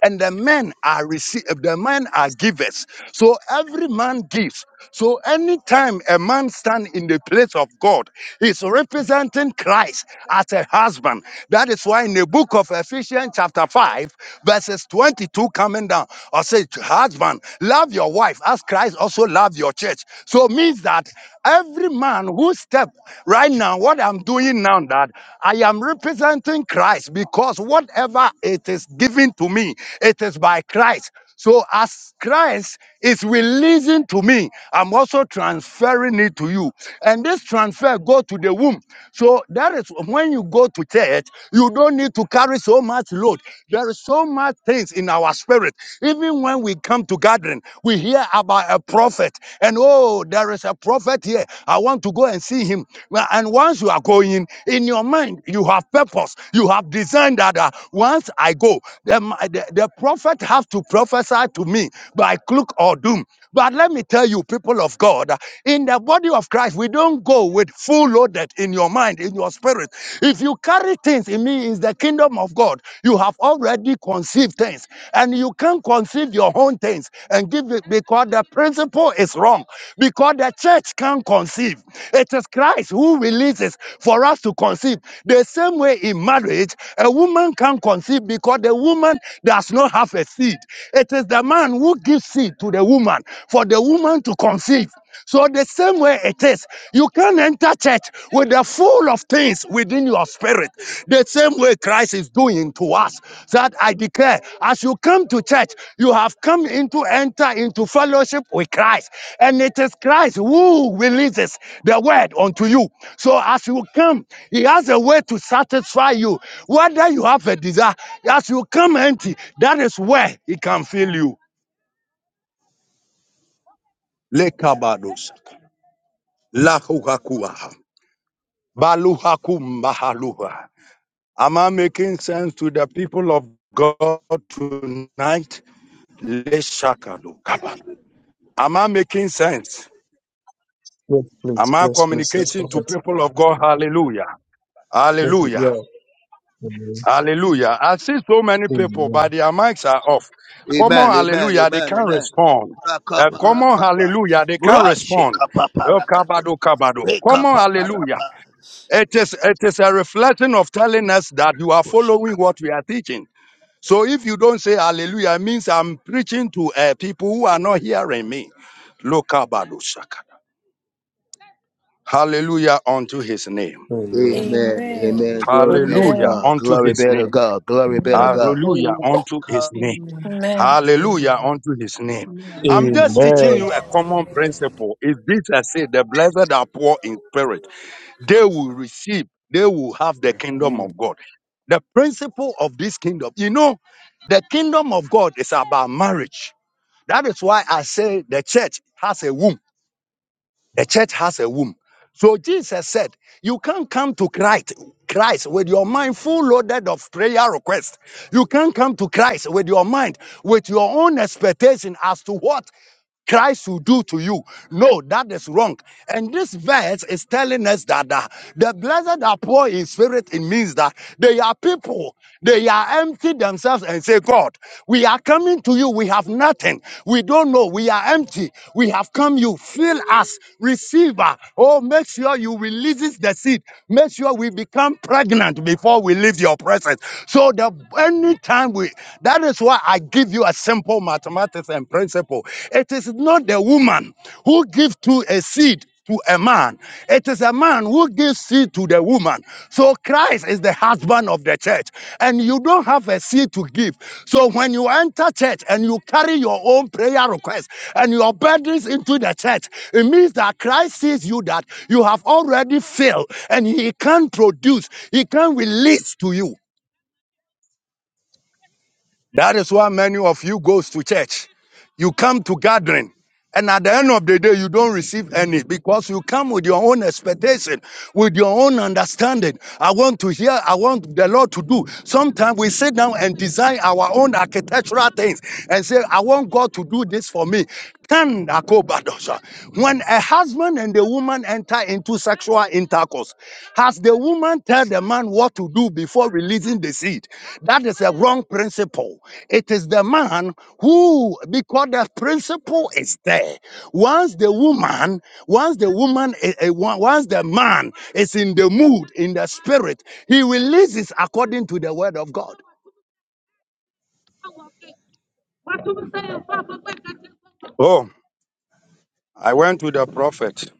Speaker 1: And the men are receive the men are givers. So every man gives. So anytime a man stand in the place of God, he's representing Christ as a husband. That is why in the book of Ephesians, chapter 5, verses 22 coming down, or say, Husband, love your wife as Christ also loved your church. So means that Every man who step right now, what I'm doing now, that I am representing Christ because whatever it is given to me, it is by Christ. So as Christ is releasing to me, I'm also transferring it to you. And this transfer go to the womb. So that is when you go to church, you don't need to carry so much load. There is so much things in our spirit even when we come to gathering, we hear about a prophet, and oh, there is a prophet here. I want to go and see him. Well, And once you are going, in your mind, you have purpose. You have designed that uh, once I go, the, the, the prophet has to prophesy to me by cloak or doom. But let me tell you, people of God, uh, in the body of Christ, we don't go with full loaded in your mind, in your spirit. If you carry things in me is the kingdom of God, you have already conceived things, and you can not conceive your own things and give it because the principle is wrong. Because the church can not conceive. It is Christ who releases for us to conceive. The same way in marriage, a woman can not conceive because the woman does not have a seed. It is the man who gives seed to the woman for the woman to conceive. So the same way it is, you can enter church with the full of things within your spirit. The same way Christ is doing to us. That I declare, as you come to church, you have come into enter into fellowship with Christ, and it is Christ who releases the word unto you. So as you come, He has a way to satisfy you, whether you have a desire. As you come empty, that is where He can fill you. Lekabados, baluhakum mahaluha. Am I making sense to the people of God tonight? Leshakado kaba. Am I making sense?
Speaker 2: Yes, please,
Speaker 1: Am I
Speaker 2: yes, please, yes,
Speaker 1: communicating to
Speaker 2: prophet.
Speaker 1: people of God? Hallelujah.
Speaker 2: Yes,
Speaker 1: Hallelujah.
Speaker 2: yeah. Amen.
Speaker 1: Hallelujah. I see so many people,
Speaker 2: Amen.
Speaker 1: but their mics are off. Come on,
Speaker 6: Amen, amen,
Speaker 1: hallelujah. They
Speaker 6: amen,
Speaker 1: can't
Speaker 6: amen.
Speaker 1: respond. Uh, come on,
Speaker 6: Rakaparapapa.
Speaker 1: hallelujah. They can't respond. Oh,
Speaker 6: Brashikapaparakato.
Speaker 1: kabado, kabado. Come on, hallelujah.
Speaker 6: Rekapaparapa.
Speaker 1: It is, it is a reflection of telling us that you are
Speaker 6: Koshika.
Speaker 1: following what we are teaching. So if you don't say hallelujah, it means I'm preaching to uh, people who are not hearing Me. Lokabadosaka. Hallelujah unto his name.
Speaker 2: Amen.
Speaker 6: Amen,
Speaker 7: Amen.
Speaker 6: amen. Glory be to
Speaker 1: Hallelujah
Speaker 8: Amen.
Speaker 6: God.
Speaker 1: unto
Speaker 6: Glory
Speaker 1: his
Speaker 6: be to
Speaker 1: name.
Speaker 6: God. Glory be to
Speaker 8: Amen.
Speaker 6: God.
Speaker 1: Hallelujah unto
Speaker 6: Come.
Speaker 1: his name.
Speaker 3: Amen.
Speaker 8: Amen.
Speaker 1: Hallelujah unto his name.
Speaker 9: Amen.
Speaker 1: I'm just teaching
Speaker 2: Amen.
Speaker 1: you a common principle. Is this I say, the blessed are poor in spirit. They will receive, they will have the kingdom
Speaker 10: Hmm.
Speaker 1: of God. The principle of this kingdom, you know, the kingdom of God is about marriage. That is why I say the church has a womb. The church has a womb. So Jesus said, you can't come to Christ, Christ with your mind full loaded of prayer requests. You can't come to Christ with your mind, with your own expectation as to what Christ will do to you. No, that is wrong. And this verse is telling us that uh, the blessed are poor in spirit. It means that they are people. They are empty themselves and say, God, we are coming to you. We have nothing. We don't know. We are empty. We have come you. Fill us. Receive us. Oh, make sure you releases the seed. Make sure we become pregnant before we leave your presence. So the anytime we, that is why now I give you a simple mathematics and principle. It is not the woman who gives to a seed to a man. It is a man who gives seed to the woman. So Christ is the husband of the church, and you don't have a seed to give. So when you enter church and you carry your own prayer request and your burdens into the church, it means that Christ sees you that you have already failed, and He can't produce, He can't release to you. That is why many of you goes to church. You come to gathering. And at the end of the day, you don't receive any because you come with your own expectation, with your own understanding. I want to hear, I want the Lord to do. Sometimes we sit down and design our own architectural things and say, I want God to do this for me. Can I go back, Dosha? When a husband and a woman enter into sexual intercourse, miracles. Has the woman tell the man what to do before releasing the seed? That is a wrong principle. It is the man who, because the principle is there. Once the woman, once the woman, eh, eh, on- once the man is in the mood, in the spirit, he releases according to the word of God. Oh, I went to the prophet.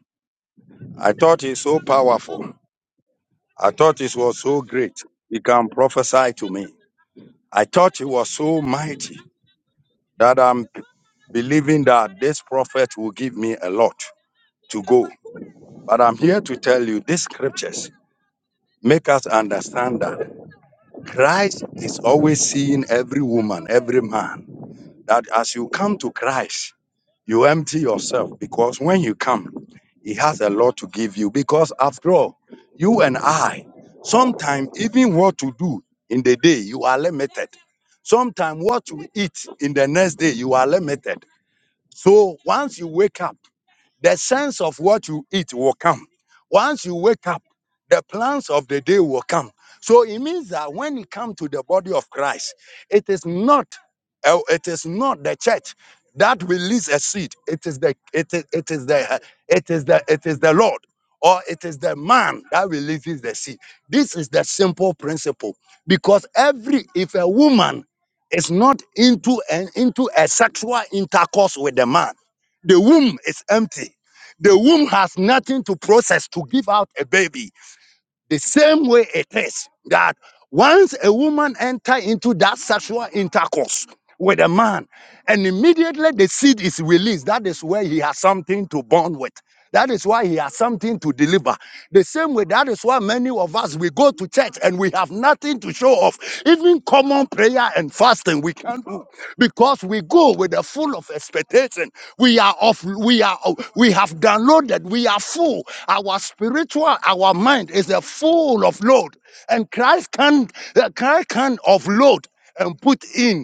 Speaker 1: I thought he's so powerful. I thought he was so great. He can prophesy to me. I thought he was so mighty that I'm believing that this prophet will give me a lot to go. But I'm here to tell you these scriptures make us understand that Christ is always seeing every woman, every man, that as you come to Christ, you empty yourself because when you come, he has a lot to give you. Because after all, you and I, sometimes even what to do in the day, you are limited. Sometimes what to eat in the next day, you are limited. So once you wake up, the sense of what you eat will come. Once you wake up, the plans of the day will come. So it means that when you come to the body of Christ, it is not uh, it is not the church that release a seed. It is the it is it is the uh, it is the it is the Lord or it is the man that releases the seed. This is the simple principle because every if a woman is not into an into a sexual intercourse with the man the womb is empty. The womb has nothing to process to give out a baby. The same way it is that once a woman enter into that sexual intercourse, with a man. And immediately the seed is released. That is where he has something to bond with. That is why he has something to deliver. The same way, that is why many of us we go to church and we have nothing to show off. Even common prayer and fasting we can't do because we go with a full of expectation. We are of we are we have downloaded. We are full. Our spiritual, our mind is a full of load, and Christ can uh, Christ can offload and put in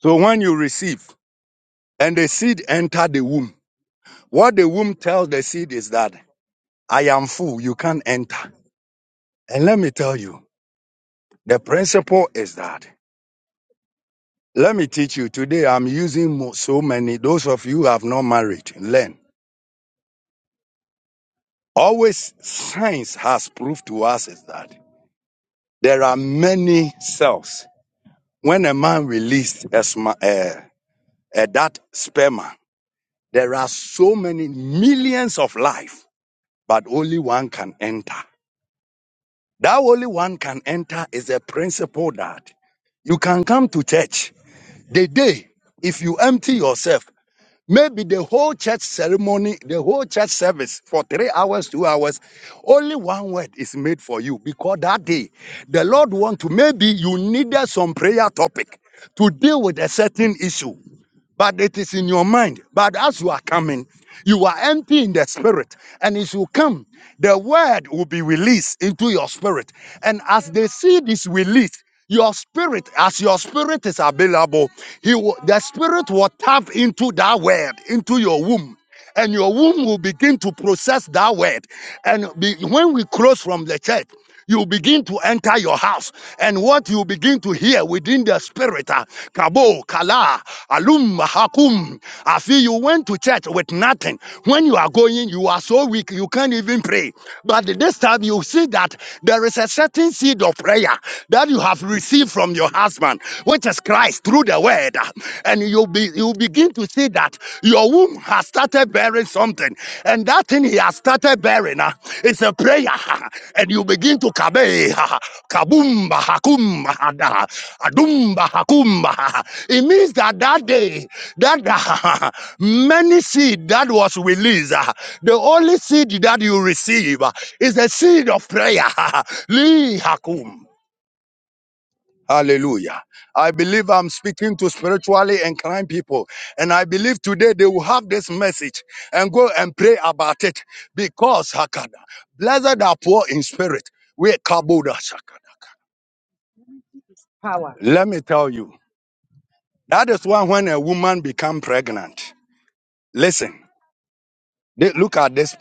Speaker 1: so when you receive and the seed enter the womb, what the womb tells the seed is that I am full, you can't enter. And let me tell you, the principle is that. Let me teach you today. I'm using mo- so many. Those of you who have not married, learn. Always science has proved to us is that there are many cells. When a man released a, sma- uh, uh, that sperma, there are so many millions of life, but only one can enter. That only one can enter is a principle that you can come to church the day if you empty yourself. Maybe the whole church ceremony, the whole church service for three hours, two hours, only one word is made for you because that day the Lord want to. Maybe you needed some prayer topic to deal with a certain issue but it is in your mind. But as you are coming, you are empty in the spirit. And as you come, the word will be released into your spirit. And as they see this release, your spirit, as your spirit is available, he will, the spirit will tap into that word, into your womb and your womb will begin to process that word. And be, when we close from the church, you begin to enter your house, and what you begin to hear within the spirit, ah, kabo, kala, alum, hakum. I feel you went to church with nothing. When you are going, you are so weak, you can't even pray. But this time you see that there is a certain seed of prayer that you have received from your husband, which is Christ. Christ through the word, and you be you begin to see that your womb has started bearing something, and that thing he has started bearing uh, is a prayer, and you begin to kabe kabumba hakumba hada, adumba hakumba. It means that that day that uh, many seed that was released, uh, the only seed that you receive uh, is the seed of prayer. Li hakum. Hallelujah. I believe I'm speaking to spiritually inclined people. And I believe today they will have this message and go and pray about it. Because Hakada, blessed are poor in spirit. We Kabuda Shakada. Let me tell you, that is why when a woman become pregnant, listen, they- look at this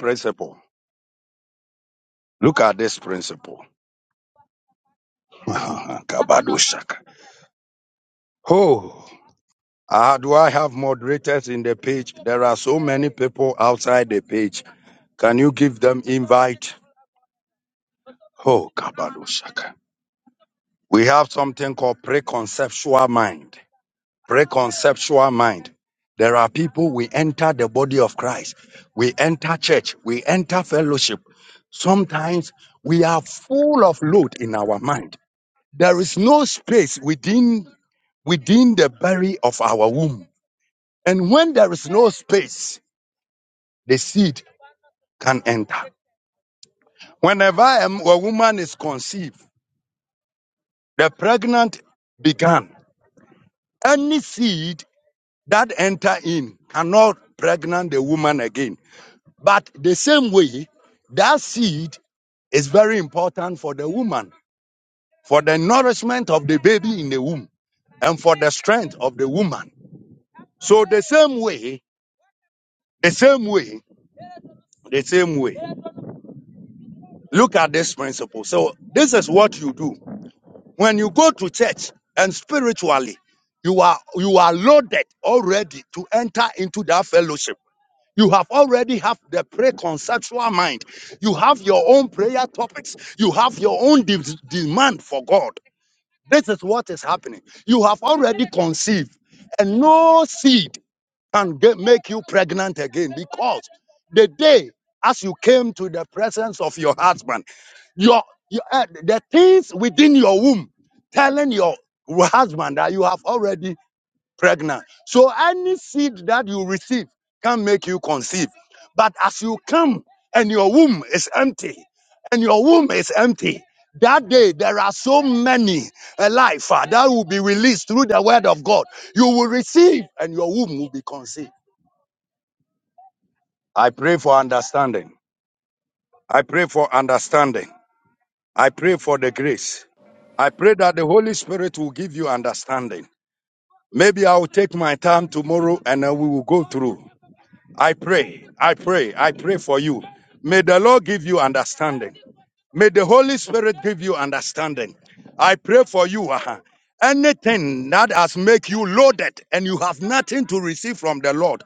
Speaker 1: page. Can't oh Kabado Shaka. We have something called preconceptual mind. preconceptual mind. There are people we enter the body of Christ, we enter church, we enter fellowship. Sometimes we are full of load in our mind. There is no space within within the belly of our womb. And when there is no space, the seed can enter. Whenever a m- a woman is conceived, the pregnant began. Any seed that enter in cannot pregnant the woman again But the same way, that seed is very important for the woman, for the nourishment of the baby in the womb, and for the strength of the woman. So the same way, the same way, the same way. Look at this principle. So this is what you do. When you go to church and spiritually, you are you are loaded already to enter into that fellowship. You have already have the pre-conceptual mind. You have your own prayer topics. You have your own de- demand for God. This is what is happening. You have already conceived, and no seed can get, make you pregnant again because the day as you came to the presence of your husband, your, your uh, the things within your womb telling your husband that you have already pregnant. So any seed that you receive can make you conceive. But as you come and your womb is empty, and your womb is empty, that day there are so many a life uh, that will be released through the word of God. You will receive and your womb will be conceived. I pray for understanding. I pray for understanding. I pray for the grace. I pray that the Holy Spirit will give you understanding. Maybe I'll take my time tomorrow and then we will go through. I pray, I pray, I pray for you. May the Lord give you understanding. May the Holy Spirit give you understanding. I pray for you. ah, Anything that has make you loaded and you have nothing to receive from the Lord,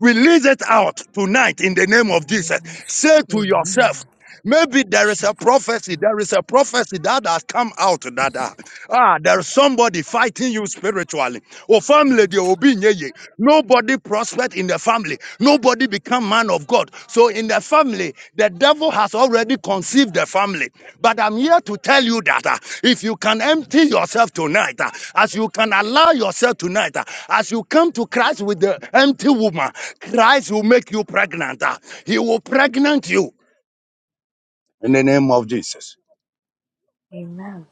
Speaker 1: release it out tonight in the name of Jesus. Say to
Speaker 7: Amen.
Speaker 1: yourself, Maybe there is a prophecy. There is a prophecy that has come out that uh, ah, there is somebody fighting you spiritually. Oh, family, they will be near you. Nobody prospered in the family. Nobody become man of God. So in the family, the devil has already conceived the family. But I'm here to tell you that uh, if you can empty yourself tonight, uh, as you can allow yourself tonight, uh, as you come to Christ with the empty woman, Christ will make you pregnant. uh, he will pregnant you.
Speaker 7: Amen.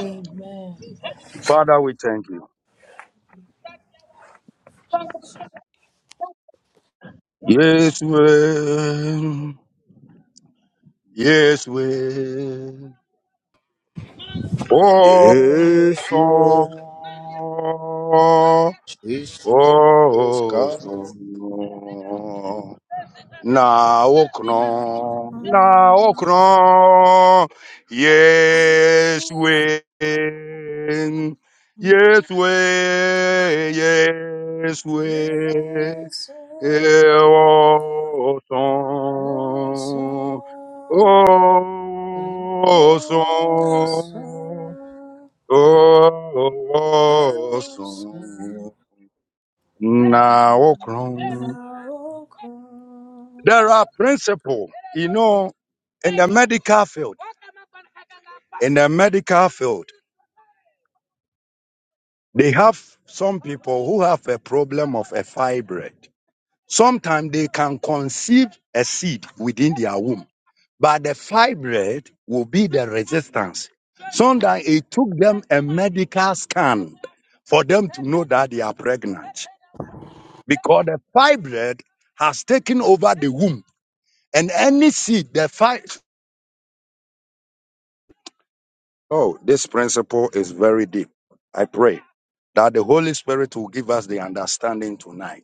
Speaker 7: Amen.
Speaker 1: Yes, we. Oh,
Speaker 6: Yes, yes,
Speaker 1: song.
Speaker 6: Jesus,
Speaker 1: Oh,
Speaker 6: God.
Speaker 1: song. Na okno. Na okno. Yes, we. Yes,
Speaker 7: Yes,
Speaker 1: we. Yes, we.
Speaker 7: oh,
Speaker 1: Eh, oh,
Speaker 7: so, oh, so, oh, so,
Speaker 1: Na okno.
Speaker 7: now,
Speaker 1: There are principles, you know, in the medical field. in the medical field, they have some people who have a problem of a fibroid. Sometimes they can conceive a seed within their womb, but the fibroid will be the resistance. Sometimes it took them a medical scan for them to know that they are pregnant because the fibroid has taken over the womb. And any seed, the fibroid will give us the understanding tonight.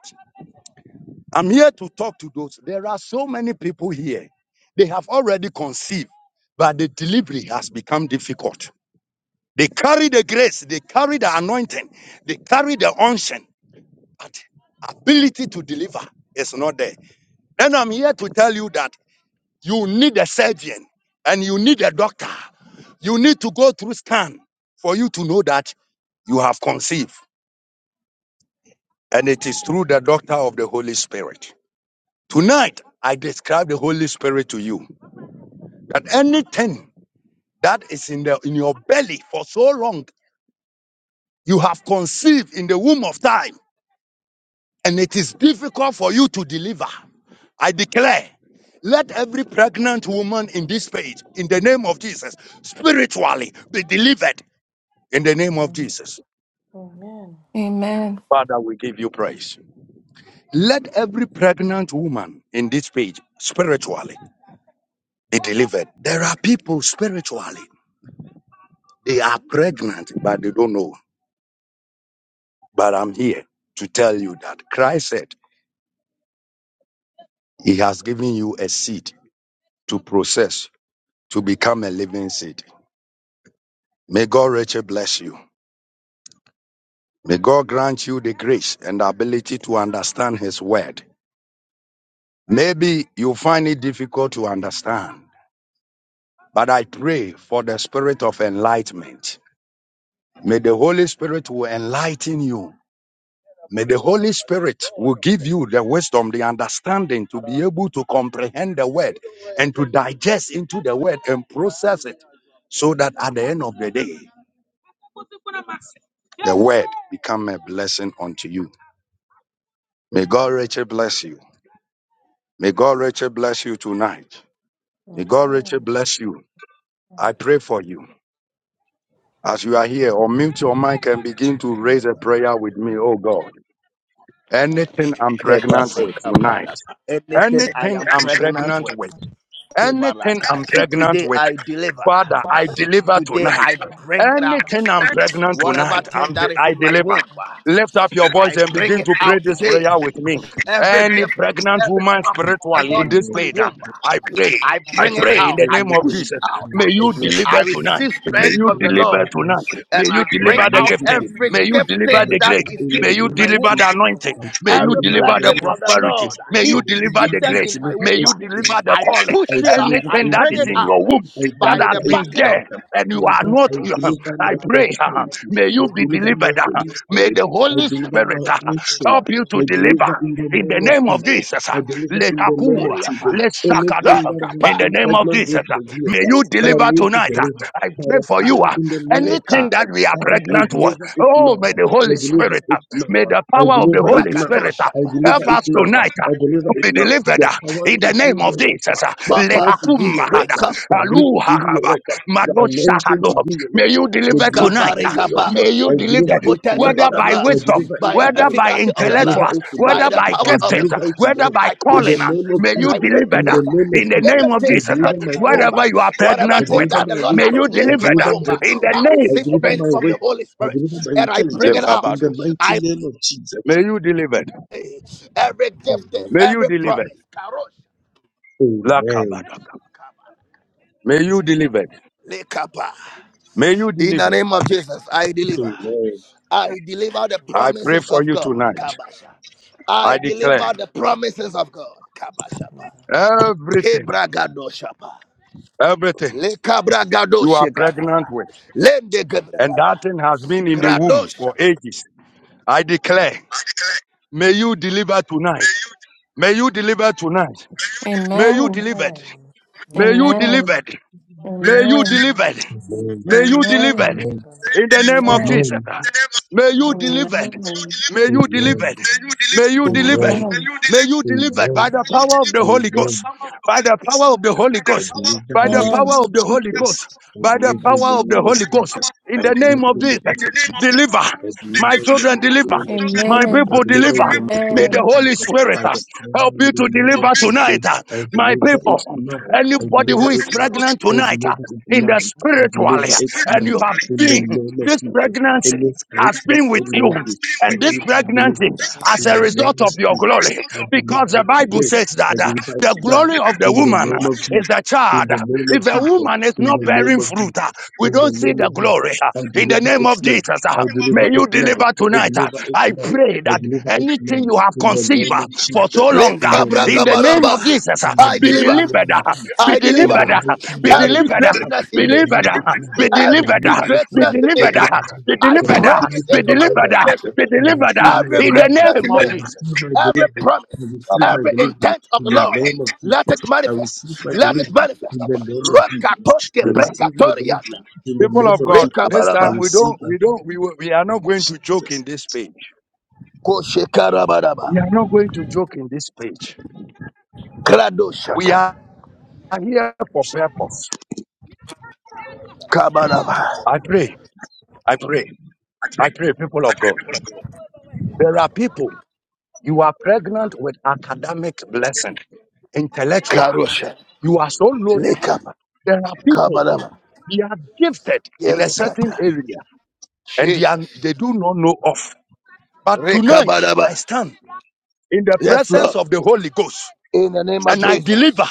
Speaker 1: I'm here to talk to those. There are so many people here. They have already conceived, but the delivery has become difficult. They carry the grace, they carry the anointing, they carry the unction, but ability to deliver is not there. And I'm here to tell you that you need a surgeon and you need a doctor. You need to go through scan for you to know that you have conceived. And it is through the doctor of the Holy Spirit. Tonight, I describe the Holy Spirit to you. that anything that is in the in your belly for so long you have conceived in the womb of time and it is difficult for you to deliver i declare let every pregnant woman in this page in the name of jesus spiritually be delivered in the name of jesus
Speaker 7: Amen.
Speaker 8: Amen.
Speaker 1: father we give you. let every pregnant woman in this page spiritually be delivered there are people spiritually they are pregnant but they don't know but i'm here to that credit but the spirit of enlightenment. May the spirit will enlighten you. May the spirit will give the word. May God richly bless you. May God richly bless you tonight. May
Speaker 7: God.
Speaker 1: God richly
Speaker 7: Amen.
Speaker 1: bless you.
Speaker 7: Amen.
Speaker 1: I pray for you. As you are here, unmute your mic and begin to
Speaker 7: Jesus,
Speaker 1: raise a prayer with me, oh God. Anything I'm pregnant with tonight,
Speaker 6: Kebarekaparapa. Anything I
Speaker 1: anything
Speaker 6: am
Speaker 1: I'm
Speaker 6: pregnant
Speaker 1: pregnant
Speaker 6: with,
Speaker 1: with, anything I'm
Speaker 6: Kebarata. see,
Speaker 1: pregnant
Speaker 6: today
Speaker 1: with
Speaker 6: I deliver.
Speaker 1: Father, I deliver
Speaker 6: Today
Speaker 1: tonight.
Speaker 6: I bring it out.
Speaker 1: Anything I'm pregnant
Speaker 6: Whatever
Speaker 1: tonight,
Speaker 6: thing
Speaker 1: I'm de-
Speaker 6: that is
Speaker 1: I
Speaker 6: in my
Speaker 1: deliver.
Speaker 6: womb.
Speaker 1: Lift up your voice
Speaker 6: I
Speaker 1: and
Speaker 6: bring
Speaker 1: begin
Speaker 6: it
Speaker 1: to pray
Speaker 6: out
Speaker 1: this
Speaker 6: today.
Speaker 1: prayer with me.
Speaker 6: Every
Speaker 1: Any
Speaker 6: gift,
Speaker 1: pregnant
Speaker 6: every
Speaker 1: woman
Speaker 6: promise from the
Speaker 1: spiritually
Speaker 6: Lord
Speaker 1: in
Speaker 6: in
Speaker 1: this
Speaker 6: my
Speaker 1: page, ah,
Speaker 6: womb,
Speaker 1: I pray.
Speaker 6: I
Speaker 1: I
Speaker 6: bring it
Speaker 1: pray in
Speaker 6: out.
Speaker 1: the
Speaker 6: I
Speaker 1: name of
Speaker 6: push it
Speaker 1: Jesus.
Speaker 6: out.
Speaker 1: May you
Speaker 6: I
Speaker 1: deliver tonight.
Speaker 6: receive
Speaker 1: May
Speaker 6: strength
Speaker 1: you
Speaker 6: from the
Speaker 1: deliver
Speaker 6: Lord,
Speaker 2: Amen.
Speaker 1: tonight. May
Speaker 6: and
Speaker 1: you
Speaker 6: I
Speaker 2: in the
Speaker 6: bring
Speaker 1: deliver
Speaker 2: mighty
Speaker 1: the
Speaker 6: out
Speaker 1: gifting.
Speaker 2: name
Speaker 6: every
Speaker 1: May you
Speaker 6: gift
Speaker 1: deliver
Speaker 2: and the
Speaker 6: thing
Speaker 1: the
Speaker 6: that
Speaker 2: child
Speaker 1: grace.
Speaker 6: is
Speaker 2: in the
Speaker 1: May
Speaker 6: hidden
Speaker 1: you
Speaker 2: name
Speaker 6: in
Speaker 2: of
Speaker 6: my womb.
Speaker 1: deliver the
Speaker 2: Jesus.
Speaker 7: I
Speaker 1: anointing.
Speaker 2: I
Speaker 7: am
Speaker 2: pray
Speaker 1: May
Speaker 7: praying
Speaker 1: you
Speaker 6: Every
Speaker 2: in
Speaker 1: deliver the
Speaker 2: the
Speaker 6: blessing
Speaker 2: name
Speaker 7: for,
Speaker 2: of
Speaker 6: of the
Speaker 1: prosperity.
Speaker 2: Jesus.
Speaker 6: Lord
Speaker 1: May
Speaker 7: pray
Speaker 1: you
Speaker 6: hidden,
Speaker 1: deliver
Speaker 7: like
Speaker 2: Santiago,
Speaker 1: the
Speaker 2: I
Speaker 6: seated
Speaker 1: grace.
Speaker 6: in my
Speaker 2: deliver
Speaker 1: May
Speaker 6: womb,
Speaker 7: the
Speaker 2: it
Speaker 1: you
Speaker 7: mighty name
Speaker 1: deliver
Speaker 2: to
Speaker 1: the
Speaker 2: Lord.
Speaker 6: I
Speaker 1: calling.
Speaker 6: push
Speaker 2: I
Speaker 6: it out.
Speaker 2: deliver
Speaker 6: I
Speaker 1: Anything
Speaker 2: it
Speaker 1: that
Speaker 2: to
Speaker 6: bring
Speaker 1: is
Speaker 6: it
Speaker 1: in
Speaker 2: Lord.
Speaker 1: your
Speaker 6: out
Speaker 1: womb
Speaker 2: I
Speaker 1: that
Speaker 6: by the
Speaker 2: deliver
Speaker 1: has
Speaker 2: it
Speaker 1: been
Speaker 2: to
Speaker 6: backing of
Speaker 2: Lord.
Speaker 1: there and you are
Speaker 2: Father, I
Speaker 1: not,
Speaker 2: deliver
Speaker 1: I
Speaker 2: my
Speaker 7: Jesus,
Speaker 1: pray,
Speaker 2: prosperity.
Speaker 1: may
Speaker 2: I
Speaker 1: you be
Speaker 2: deliver my
Speaker 1: delivered.
Speaker 2: Holy
Speaker 1: May
Speaker 2: Spirit.
Speaker 1: the
Speaker 2: I
Speaker 1: Holy
Speaker 2: deliver my
Speaker 1: Spirit
Speaker 2: action.
Speaker 1: help you to
Speaker 2: I deliver
Speaker 1: deliver.
Speaker 2: in the
Speaker 1: In the
Speaker 2: name of
Speaker 1: name of
Speaker 2: Jesus.
Speaker 1: Jesus, uh,
Speaker 2: I deliver
Speaker 1: let
Speaker 2: in the name of
Speaker 6: Oriapa.
Speaker 2: Jesus.
Speaker 1: let's
Speaker 2: Anything that I
Speaker 6: Lekapa,
Speaker 1: In
Speaker 2: have
Speaker 1: the
Speaker 2: been
Speaker 1: name of
Speaker 2: pregnant
Speaker 1: Jesus,
Speaker 2: with
Speaker 1: uh,
Speaker 2: for years,
Speaker 1: may you
Speaker 2: that I
Speaker 1: deliver
Speaker 2: need to
Speaker 1: tonight. uh,
Speaker 2: deliver
Speaker 1: I
Speaker 2: by
Speaker 1: pray
Speaker 2: the
Speaker 1: for you.
Speaker 2: power
Speaker 1: uh,
Speaker 2: in the name of
Speaker 1: Anything
Speaker 6: Reka,
Speaker 2: Jesus.
Speaker 1: that we are
Speaker 2: Father, I
Speaker 1: pregnant with,
Speaker 2: deliver it
Speaker 1: oh,
Speaker 2: now.
Speaker 1: may the
Speaker 2: I
Speaker 1: Holy
Speaker 2: deliver
Speaker 1: Spirit, uh,
Speaker 2: it now.
Speaker 1: may the
Speaker 2: I
Speaker 1: power of the
Speaker 2: deliver it
Speaker 1: Holy
Speaker 2: now.
Speaker 1: Spirit uh,
Speaker 2: I
Speaker 6: Prakatoshapa.
Speaker 2: deliver
Speaker 1: help
Speaker 2: it
Speaker 1: us
Speaker 2: now.
Speaker 1: tonight uh,
Speaker 2: I deliver
Speaker 1: to
Speaker 2: it
Speaker 1: be
Speaker 2: now.
Speaker 1: delivered.
Speaker 2: The
Speaker 1: uh,
Speaker 2: power
Speaker 1: in
Speaker 2: to
Speaker 1: the name
Speaker 2: do your
Speaker 1: of
Speaker 2: work.
Speaker 1: Jesus, uh,
Speaker 2: The power
Speaker 6: Papa,
Speaker 2: to do your work.
Speaker 1: Lehakumahada,
Speaker 6: Reka
Speaker 2: The ability to do your
Speaker 1: Aluhakaba,
Speaker 2: work. The anointing to
Speaker 1: Madoshahado.
Speaker 2: do your
Speaker 1: may
Speaker 2: work.
Speaker 1: you
Speaker 2: The
Speaker 1: deliver
Speaker 2: grace to
Speaker 1: tonight.
Speaker 2: do
Speaker 1: uh,
Speaker 2: your
Speaker 6: Gabaregaba.
Speaker 2: work.
Speaker 1: May you
Speaker 2: I
Speaker 6: By the
Speaker 1: deliver,
Speaker 2: deliver it
Speaker 6: potency
Speaker 2: tonight.
Speaker 1: whether
Speaker 6: of the
Speaker 1: by
Speaker 6: blood,
Speaker 2: I
Speaker 1: wisdom,
Speaker 2: deliver it
Speaker 6: by the
Speaker 1: whether
Speaker 2: tonight.
Speaker 1: by
Speaker 6: efficacy of
Speaker 2: I
Speaker 6: the
Speaker 2: deliver
Speaker 6: blood,
Speaker 1: intellectuals,
Speaker 2: it tonight.
Speaker 6: by
Speaker 1: whether
Speaker 6: the
Speaker 1: by
Speaker 2: I
Speaker 6: power of the
Speaker 1: giftings, uh,
Speaker 2: deliver it
Speaker 6: cross,
Speaker 1: whether
Speaker 2: tonight.
Speaker 1: by
Speaker 6: I
Speaker 2: In the
Speaker 1: calling.
Speaker 6: push
Speaker 1: uh,
Speaker 2: name of
Speaker 1: May
Speaker 6: and
Speaker 1: you
Speaker 6: I
Speaker 2: Jesus.
Speaker 6: break to
Speaker 1: deliver
Speaker 2: In the
Speaker 1: that
Speaker 6: deliver
Speaker 2: name of
Speaker 1: in the
Speaker 2: Jesus.
Speaker 1: name of
Speaker 2: I
Speaker 6: anything
Speaker 1: Jesus. uh,
Speaker 6: seated
Speaker 2: deliver
Speaker 6: in
Speaker 2: my
Speaker 6: my womb.
Speaker 2: calling.
Speaker 1: Whatever you are
Speaker 6: Whatever
Speaker 2: I
Speaker 1: pregnant
Speaker 6: thing
Speaker 1: with,
Speaker 2: deliver
Speaker 1: uh,
Speaker 6: that
Speaker 2: my
Speaker 6: the Lord
Speaker 1: may
Speaker 6: has
Speaker 2: wisdom.
Speaker 1: you
Speaker 6: placed
Speaker 2: I
Speaker 1: deliver
Speaker 6: in my
Speaker 2: deliver
Speaker 1: that
Speaker 6: womb,
Speaker 2: my
Speaker 1: in the
Speaker 2: power.
Speaker 6: I
Speaker 2: I
Speaker 1: name
Speaker 6: receive
Speaker 1: of
Speaker 2: deliver
Speaker 6: strength
Speaker 2: my
Speaker 1: Jesus.
Speaker 6: from the
Speaker 2: wisdom.
Speaker 6: Holy
Speaker 2: I
Speaker 6: Spirit
Speaker 2: deliver my
Speaker 6: and I bring
Speaker 1: Look,
Speaker 6: it
Speaker 2: intelligence in
Speaker 6: out.
Speaker 2: the
Speaker 6: I
Speaker 2: mighty name of Jesus.
Speaker 1: May you deliver.
Speaker 6: pray every gift,
Speaker 2: Amen.
Speaker 1: May you
Speaker 6: every
Speaker 1: deliver.
Speaker 6: promise. Karosh,
Speaker 2: Amen.
Speaker 1: Lakabadaka. May you deliver.
Speaker 6: Lekapa.
Speaker 1: May you
Speaker 6: In the
Speaker 1: deliver.
Speaker 6: name of Jesus, I deliver.
Speaker 2: Amen.
Speaker 6: I deliver the
Speaker 1: I pray
Speaker 6: promises
Speaker 1: for
Speaker 6: of
Speaker 1: you
Speaker 6: God.
Speaker 1: tonight.
Speaker 6: Kabasha. I
Speaker 1: I declare
Speaker 6: deliver the promises of God. Kabashapa.
Speaker 1: everything,
Speaker 6: Kebragadoshapa.
Speaker 1: everything
Speaker 6: Le
Speaker 1: you are pregnant
Speaker 6: kabragadoshegadaba.
Speaker 1: with,
Speaker 6: lende
Speaker 1: and
Speaker 6: Lendegebragada.
Speaker 1: that thing has been in the womb
Speaker 6: Gradosha.
Speaker 1: for ages. I declare, may you deliver tonight. May you deliver tonight. May you delivered. May you
Speaker 9: Amen.
Speaker 8: Amen.
Speaker 1: delivered.
Speaker 8: Amen.
Speaker 9: Amen.
Speaker 1: May you
Speaker 8: Amen.
Speaker 1: delivered.
Speaker 2: Amen. Amen.
Speaker 1: May you delivered.
Speaker 8: Amen.
Speaker 2: Amen.
Speaker 1: In the name of
Speaker 8: Amen. Amen.
Speaker 1: Jesus. May you
Speaker 9: Amen.
Speaker 8: Amen.
Speaker 1: delivered. May you
Speaker 2: Amen.
Speaker 9: Jesus.
Speaker 1: delivered. May you delivered.
Speaker 8: Amen.
Speaker 1: May you delivered by
Speaker 2: Amen.
Speaker 1: the power of the Holy Ghost. By the power of the Holy Ghost. by the
Speaker 8: Amen. Amen.
Speaker 1: power
Speaker 2: Amen.
Speaker 1: of the
Speaker 2: Amen.
Speaker 9: Jesus.
Speaker 1: Holy Ghost,
Speaker 2: I
Speaker 1: by the
Speaker 2: believe in
Speaker 9: Amen.
Speaker 2: the
Speaker 1: power of
Speaker 2: name
Speaker 1: the Holy Ghost, in the name of
Speaker 2: believe in
Speaker 1: Jesus, deliver
Speaker 2: the I believe
Speaker 1: my children, deliver
Speaker 8: Amen.
Speaker 1: my people,
Speaker 2: in
Speaker 1: deliver.
Speaker 2: the
Speaker 1: May
Speaker 2: name
Speaker 1: the
Speaker 2: of
Speaker 1: Holy
Speaker 2: Jesus.
Speaker 1: Spirit uh,
Speaker 2: I believe
Speaker 1: help
Speaker 2: in
Speaker 1: you
Speaker 2: the
Speaker 1: to
Speaker 2: name
Speaker 1: deliver tonight, uh,
Speaker 2: of Jesus. I
Speaker 1: my
Speaker 2: believe that
Speaker 1: people.
Speaker 2: it's mine. I
Speaker 1: Anybody
Speaker 2: believe
Speaker 1: who is pregnant
Speaker 2: I
Speaker 1: tonight uh,
Speaker 2: deliver it
Speaker 1: in
Speaker 2: now.
Speaker 1: the
Speaker 2: I
Speaker 1: spiritual,
Speaker 2: deliver
Speaker 1: uh,
Speaker 2: it
Speaker 1: and you
Speaker 2: now.
Speaker 1: have
Speaker 2: In the
Speaker 1: been,
Speaker 2: name of
Speaker 1: this
Speaker 2: Jesus.
Speaker 1: pregnancy
Speaker 2: Any
Speaker 1: has
Speaker 2: spiritual
Speaker 1: been with you.
Speaker 2: pregnancy I
Speaker 1: And this
Speaker 2: need to be
Speaker 1: pregnancy
Speaker 2: delivered
Speaker 1: as
Speaker 2: in
Speaker 1: a
Speaker 2: the
Speaker 1: result
Speaker 2: name of
Speaker 1: of your
Speaker 2: Jesus.
Speaker 1: glory,
Speaker 2: I
Speaker 1: because the
Speaker 2: deliver
Speaker 1: Bible
Speaker 2: today.
Speaker 1: says
Speaker 2: I
Speaker 1: that uh,
Speaker 2: deliver
Speaker 1: the glory
Speaker 2: tonight.
Speaker 1: of the
Speaker 2: In the
Speaker 1: woman
Speaker 2: name
Speaker 1: uh,
Speaker 2: of
Speaker 1: is the
Speaker 2: Jesus. In
Speaker 1: child.
Speaker 2: the name of
Speaker 1: If a
Speaker 2: Jesus.
Speaker 1: woman is
Speaker 2: In
Speaker 1: not
Speaker 2: the name
Speaker 1: bearing
Speaker 2: of
Speaker 1: fruit, uh,
Speaker 2: Jesus.
Speaker 1: we
Speaker 2: In the
Speaker 1: don't see
Speaker 2: name
Speaker 1: the
Speaker 2: of
Speaker 1: glory.
Speaker 2: Jesus.
Speaker 1: uh.
Speaker 2: I
Speaker 1: In the
Speaker 2: deliver
Speaker 1: name
Speaker 2: it
Speaker 1: of
Speaker 2: now.
Speaker 1: Jesus,
Speaker 2: I
Speaker 1: uh, may
Speaker 2: deliver
Speaker 1: you
Speaker 2: it now.
Speaker 1: deliver
Speaker 2: I
Speaker 1: tonight. uh.
Speaker 2: deliver it
Speaker 1: I
Speaker 2: now.
Speaker 1: pray
Speaker 2: I
Speaker 1: that
Speaker 2: deliver it
Speaker 1: anything
Speaker 2: now.
Speaker 1: you have
Speaker 2: In the
Speaker 1: conceived
Speaker 2: name
Speaker 1: uh,
Speaker 2: of
Speaker 1: for so
Speaker 2: Jesus.
Speaker 6: le
Speaker 1: long,
Speaker 2: In
Speaker 1: uh,
Speaker 2: the
Speaker 1: in
Speaker 2: name
Speaker 1: the
Speaker 2: of
Speaker 1: name
Speaker 6: kabragabaraba.
Speaker 1: of
Speaker 2: Jesus.
Speaker 1: Jesus,
Speaker 2: In
Speaker 1: uh,
Speaker 2: the
Speaker 6: I
Speaker 1: be
Speaker 2: mighty
Speaker 6: deliver.
Speaker 1: delivered,
Speaker 2: name of
Speaker 1: uh,
Speaker 2: Jesus.
Speaker 1: be
Speaker 6: I
Speaker 2: In
Speaker 6: deliver
Speaker 2: the
Speaker 1: delivered, uh,
Speaker 2: mighty
Speaker 1: be
Speaker 2: name of
Speaker 6: every
Speaker 1: delivered,
Speaker 2: Jesus.
Speaker 1: uh,
Speaker 6: greatness
Speaker 2: I
Speaker 1: be
Speaker 6: in me.
Speaker 1: delivered,
Speaker 2: deliver it
Speaker 1: uh,
Speaker 2: now.
Speaker 1: be
Speaker 2: I
Speaker 1: delivered,
Speaker 6: Every
Speaker 1: uh,
Speaker 2: deliver it
Speaker 1: be
Speaker 6: greatness
Speaker 2: now.
Speaker 6: in
Speaker 2: I
Speaker 1: delivered.
Speaker 6: me,
Speaker 2: deliver it
Speaker 1: uh,
Speaker 2: now.
Speaker 1: be
Speaker 6: I
Speaker 1: delivered
Speaker 6: pray
Speaker 1: out.
Speaker 2: I receive
Speaker 6: it
Speaker 2: it
Speaker 1: Be
Speaker 2: in
Speaker 6: into
Speaker 2: the name of
Speaker 1: delivered out.
Speaker 6: manifestation.
Speaker 2: Jesus.
Speaker 1: Be
Speaker 2: I
Speaker 1: delivered
Speaker 2: receive
Speaker 1: out.
Speaker 2: my
Speaker 6: Every
Speaker 1: In the
Speaker 2: delivery.
Speaker 6: greatness
Speaker 1: name
Speaker 6: in
Speaker 2: I
Speaker 1: of
Speaker 6: me,
Speaker 2: receive
Speaker 1: Jesus.
Speaker 2: my
Speaker 6: every
Speaker 2: delivery. I
Speaker 6: promise,
Speaker 1: Come
Speaker 2: receive
Speaker 1: kabak.
Speaker 2: my
Speaker 6: every
Speaker 2: deliverance
Speaker 6: intent of
Speaker 2: in
Speaker 6: the
Speaker 2: the
Speaker 6: Lord,
Speaker 2: name of
Speaker 6: let it
Speaker 2: Jesus. I receive
Speaker 6: manifest.
Speaker 2: my
Speaker 6: Let it
Speaker 2: deliverance in
Speaker 6: manifest.
Speaker 2: the name of Jesus.
Speaker 6: Rokatoske
Speaker 2: I receive my deliverance
Speaker 6: prekatoriata.
Speaker 2: in the
Speaker 1: People
Speaker 2: name
Speaker 1: of
Speaker 2: of
Speaker 1: God,
Speaker 2: Jesus.
Speaker 1: this
Speaker 2: I
Speaker 1: time
Speaker 6: Rekabaraba.
Speaker 1: we
Speaker 2: receive
Speaker 1: don't,
Speaker 2: my
Speaker 1: we
Speaker 2: deliverance
Speaker 1: don't, we, will- we are not
Speaker 2: in
Speaker 1: going to joke in
Speaker 2: Jesus.
Speaker 1: this page. We are
Speaker 6: Koshekarabaraba.
Speaker 1: not going to joke in this page. We are
Speaker 6: Kradoshata.
Speaker 1: here for purpose. I
Speaker 6: Kabaraba.
Speaker 1: pray, I pray, I pray, people of God. There are people, you are pregnant with academic blessing, intellectual.
Speaker 6: Karosha.
Speaker 1: You are so loaded.
Speaker 6: Lekaba.
Speaker 1: There are people,
Speaker 6: Kabaraba.
Speaker 1: they are gifted in a certain
Speaker 6: Yerekata.
Speaker 1: area and they, are,
Speaker 6: Jesus.
Speaker 1: they do not know of. But tonight, I
Speaker 6: Rekabaraba.
Speaker 1: stand in the
Speaker 6: Yes,
Speaker 1: presence
Speaker 6: Lord.
Speaker 1: of the Holy Ghost
Speaker 6: In the name of
Speaker 1: and I
Speaker 6: Jesus.
Speaker 1: deliver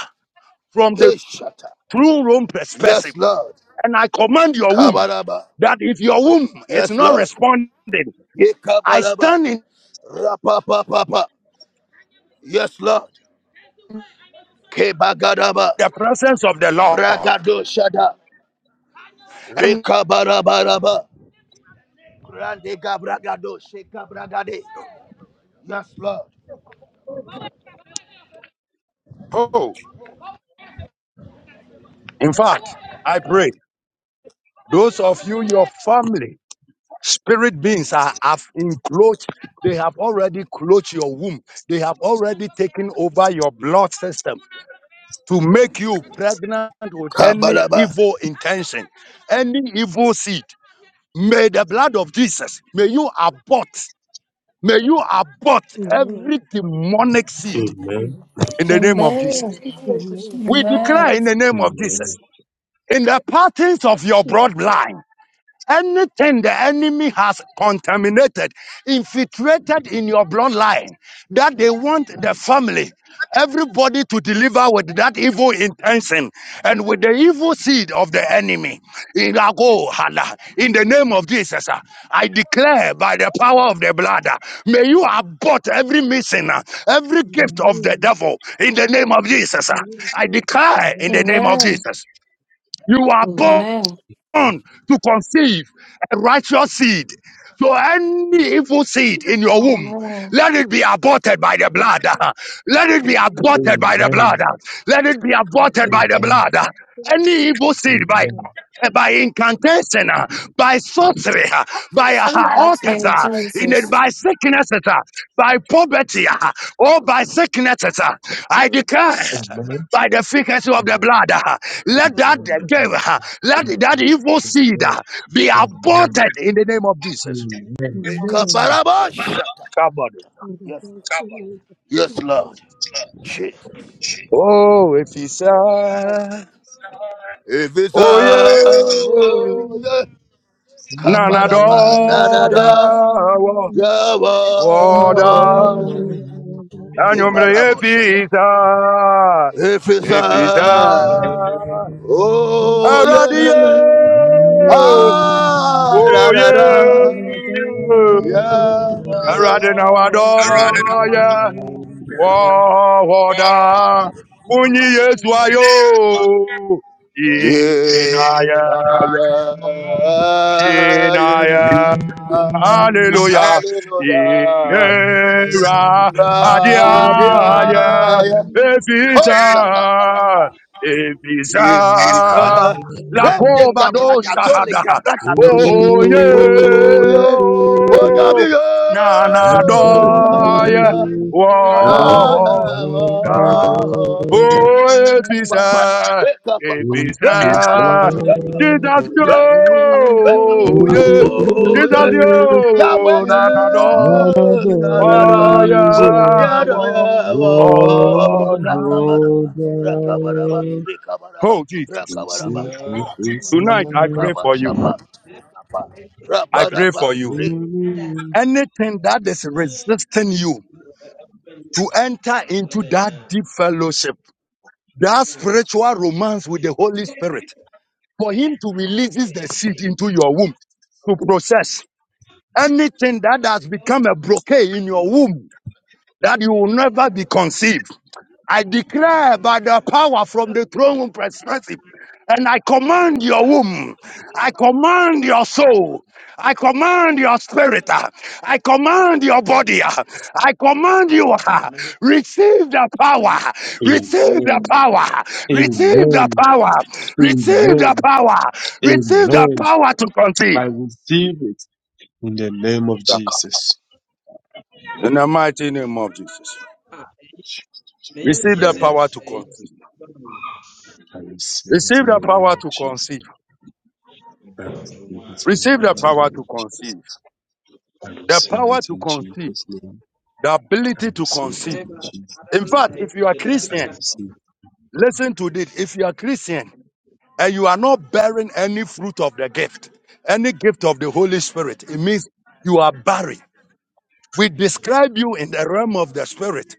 Speaker 1: from the
Speaker 6: Hey, shatta,
Speaker 1: true womb perspective.
Speaker 6: Yes, Lord.
Speaker 1: And I command your womb
Speaker 6: Kabaraba.
Speaker 1: that if your womb is
Speaker 6: Yes,
Speaker 1: not
Speaker 6: Lord.
Speaker 1: responding,
Speaker 6: Ye
Speaker 1: I
Speaker 6: kabaraba.
Speaker 1: stand in
Speaker 6: rapa Rapapapapa. Yes, Lord. Kebagadaba.
Speaker 1: the presence of the Lord.
Speaker 6: Bragado shada.
Speaker 1: And
Speaker 6: Rekabarabaraba. Grande gabragado shekabragade. Yes, Lord.
Speaker 1: oh, in fact, I pray those of you, your family, spirit beings are, have encroached. They have already closed your womb. They have already taken over your blood system. to make you pregnant with any
Speaker 6: Kabaraba.
Speaker 1: evil intention, any evil seed. May the blood of Jesus, may you abort, may you abort
Speaker 9: Amen.
Speaker 1: every demonic seed
Speaker 9: Amen. Amen.
Speaker 2: Amen.
Speaker 1: in the name
Speaker 8: Amen.
Speaker 1: of Jesus.
Speaker 9: Amen.
Speaker 1: We declare
Speaker 8: Amen.
Speaker 1: in the name of
Speaker 2: Amen.
Speaker 1: Jesus,
Speaker 9: Amen.
Speaker 1: in the patterns of your bloodline. Anything the enemy has contaminated, infiltrated in your bloodline, that they want the family, everybody to deliver with that evil intention and with the evil seed of the enemy. In our goal, in the name of Jesus, ah, I declare by the power of the blood, ah, may you abort every mission, ah, every gift of the devil. In the name of Jesus, ah, I declare in the name of Jesus, you are
Speaker 9: Amen.
Speaker 1: born
Speaker 9: Amen.
Speaker 8: Amen.
Speaker 2: Amen.
Speaker 1: on to conceive a righteous seed. So any evil seed in your womb,
Speaker 8: Amen.
Speaker 1: let it be aborted by the
Speaker 9: In the
Speaker 1: blood.
Speaker 9: holy
Speaker 1: Let it be aborted
Speaker 9: name
Speaker 1: by the
Speaker 2: Amen.
Speaker 1: blood. Let it be
Speaker 9: of
Speaker 2: Amen. Amen.
Speaker 1: aborted by
Speaker 9: Jesus.
Speaker 1: the
Speaker 2: Amen.
Speaker 1: blood. Any evil seed by
Speaker 2: Amen.
Speaker 1: uh, by incantation, uh, by sorcery, uh, by uh,
Speaker 8: Let's
Speaker 1: altars,
Speaker 8: name
Speaker 1: uh, in it,
Speaker 8: Jesus.
Speaker 1: by sicknesses, uh, by poverty, uh, or by sicknesses. uh, I declare by the frequency of the blood. Let that devil, uh, let that evil seed uh, be aborted in the name of Jesus.
Speaker 6: Rekabaraba shata.
Speaker 1: Somebody.
Speaker 6: Yes, Lord. Jesus.
Speaker 1: Oh, if he said, oh
Speaker 6: Evisa.
Speaker 1: yeah,
Speaker 6: Oh, yeah.
Speaker 1: nana
Speaker 9: Amen.
Speaker 6: Kabaraba.
Speaker 1: do
Speaker 6: Nanada.
Speaker 1: yeah,
Speaker 11: Biri,
Speaker 1: oh
Speaker 9: Glory
Speaker 6: Yawada
Speaker 1: down,
Speaker 2: Amen.
Speaker 9: to
Speaker 11: biri
Speaker 1: and you may
Speaker 11: o.
Speaker 9: God.
Speaker 1: if
Speaker 6: Kibarabo Shaba.
Speaker 1: he
Speaker 11: Ada
Speaker 1: said,
Speaker 6: If
Speaker 9: Thank
Speaker 6: it's
Speaker 1: if
Speaker 2: Amen. Amen.
Speaker 1: he
Speaker 9: you.
Speaker 1: said,
Speaker 2: Amen.
Speaker 6: I,
Speaker 2: Amen.
Speaker 6: oh
Speaker 1: already,
Speaker 6: yeah,
Speaker 2: None of
Speaker 6: ah
Speaker 1: oh
Speaker 6: da da da,
Speaker 1: yeah,
Speaker 6: yeah,
Speaker 1: already now I do yeah. Wahoda Munyi Yeswayo
Speaker 6: yeah,
Speaker 1: Inaya
Speaker 6: nah, yeah, yeah,
Speaker 1: Inaya
Speaker 6: nah, yeah,
Speaker 1: Hallelujah
Speaker 6: hallelujah, yeah,
Speaker 1: Ira
Speaker 11: biri
Speaker 6: radia,
Speaker 11: de.
Speaker 1: Adiaya
Speaker 6: yeah, oh
Speaker 1: Evita
Speaker 11: Eh,
Speaker 6: shaka
Speaker 1: Evisa
Speaker 6: It is a
Speaker 11: yani mwenye
Speaker 6: rende
Speaker 1: Lakoba
Speaker 11: mtu la kushu.
Speaker 1: dosa
Speaker 6: gabragadole
Speaker 1: hada
Speaker 11: Baba
Speaker 6: gabragadosha.
Speaker 11: ni.
Speaker 1: Oh
Speaker 6: Oh yeah, oh
Speaker 1: yeah
Speaker 6: nyami yo.
Speaker 1: na
Speaker 9: Amen.
Speaker 6: Da
Speaker 11: Yani
Speaker 6: da
Speaker 1: doye
Speaker 11: biri
Speaker 6: da
Speaker 11: ni.
Speaker 6: da
Speaker 1: Wonder.
Speaker 6: da. eh, oh oh, oh.
Speaker 1: Oh, it
Speaker 6: Reka
Speaker 1: is
Speaker 6: papa,
Speaker 1: I.
Speaker 6: reka
Speaker 1: It
Speaker 6: papa,
Speaker 1: is
Speaker 6: reka
Speaker 1: I.
Speaker 6: papa.
Speaker 1: Jesus, yo. Yeah.
Speaker 6: Oh,
Speaker 1: Jesus,
Speaker 6: yeah.
Speaker 1: yo.
Speaker 6: Yahweh,
Speaker 1: Na, na, do.
Speaker 6: eh, da da
Speaker 1: Oh,
Speaker 6: da,
Speaker 2: these
Speaker 6: oh da
Speaker 2: are
Speaker 1: yeah.
Speaker 6: da da,
Speaker 1: wo-
Speaker 6: yeah, oh,
Speaker 2: world
Speaker 1: Order.
Speaker 6: rakabaraba, rakabaraba, rikabaraba,
Speaker 1: Oh, Jesus.
Speaker 2: Amen. Amen.
Speaker 6: rakabaraba,
Speaker 11: So,
Speaker 6: rabaraba,
Speaker 1: Tonight, I pray for you.
Speaker 6: kabashaba, rikapa,
Speaker 11: so
Speaker 1: I pray
Speaker 6: rabaraba,
Speaker 1: for
Speaker 11: don't
Speaker 1: you.
Speaker 11: mind
Speaker 6: rik-
Speaker 11: it. Ada.
Speaker 1: Anything that is resisting you to enter into
Speaker 11: Ada
Speaker 1: that
Speaker 11: ya.
Speaker 1: deep fellowship,
Speaker 11: Ada
Speaker 1: that
Speaker 11: ya.
Speaker 1: spiritual romance with the Holy Spirit, for him to release the seed into your womb to process anything that has become a blockade in your womb that you will never be
Speaker 11: Ewo.
Speaker 1: conceived. I declare by the power from the throne room perspective, and I command your womb, I command your soul, I command your spirit, uh, I command your body, uh, I command you, uh,
Speaker 11: Mummy,
Speaker 1: receive the
Speaker 11: mummy,
Speaker 1: power, receive the
Speaker 2: Amen.
Speaker 11: okay,
Speaker 1: power, receive the power,
Speaker 11: okay.
Speaker 1: receive the
Speaker 2: Amen.
Speaker 1: power, receive the
Speaker 2: Amen.
Speaker 1: power to conceive.
Speaker 2: I receive it in the name of Jesus.
Speaker 1: In the mighty name of Jesus,
Speaker 11: Ah, they are not easy.
Speaker 2: Amen.
Speaker 11: Eh, eh, ma.
Speaker 2: I receive it in the name of Jesus. I receive it in the mighty name of Jesus. I
Speaker 1: the,
Speaker 2: receive it in Jesus' name.
Speaker 1: the
Speaker 2: I
Speaker 1: ability to
Speaker 2: receive it
Speaker 1: conceive.
Speaker 2: in Jesus'
Speaker 11: Adan
Speaker 1: In
Speaker 11: na,
Speaker 2: name.
Speaker 1: fact,
Speaker 11: eh,
Speaker 1: if you are
Speaker 11: just ask the
Speaker 2: I
Speaker 1: Christian,
Speaker 11: class.
Speaker 2: receive it.
Speaker 11: Ah,
Speaker 1: listen to this. If you are Christian, and you are not bearing any fruit of the gift, any gift of the Holy Spirit, it means you are buried. We describe you in the realm of the Spirit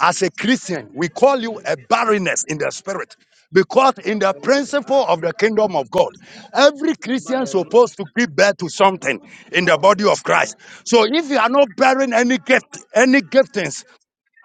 Speaker 1: as a Christian. We call you a barrenness in the Spirit because in the
Speaker 11: class,
Speaker 1: principle of the
Speaker 11: class,
Speaker 1: kingdom of God,
Speaker 11: class.
Speaker 1: every
Speaker 11: We don't
Speaker 1: Christian
Speaker 11: buy,
Speaker 1: is
Speaker 11: don't.
Speaker 1: supposed to give birth to something in
Speaker 11: No,
Speaker 1: the
Speaker 11: we're
Speaker 1: body
Speaker 11: going to
Speaker 1: of
Speaker 11: talk
Speaker 1: Christ.
Speaker 11: about.
Speaker 1: So if you are not bearing any gift, any giftings,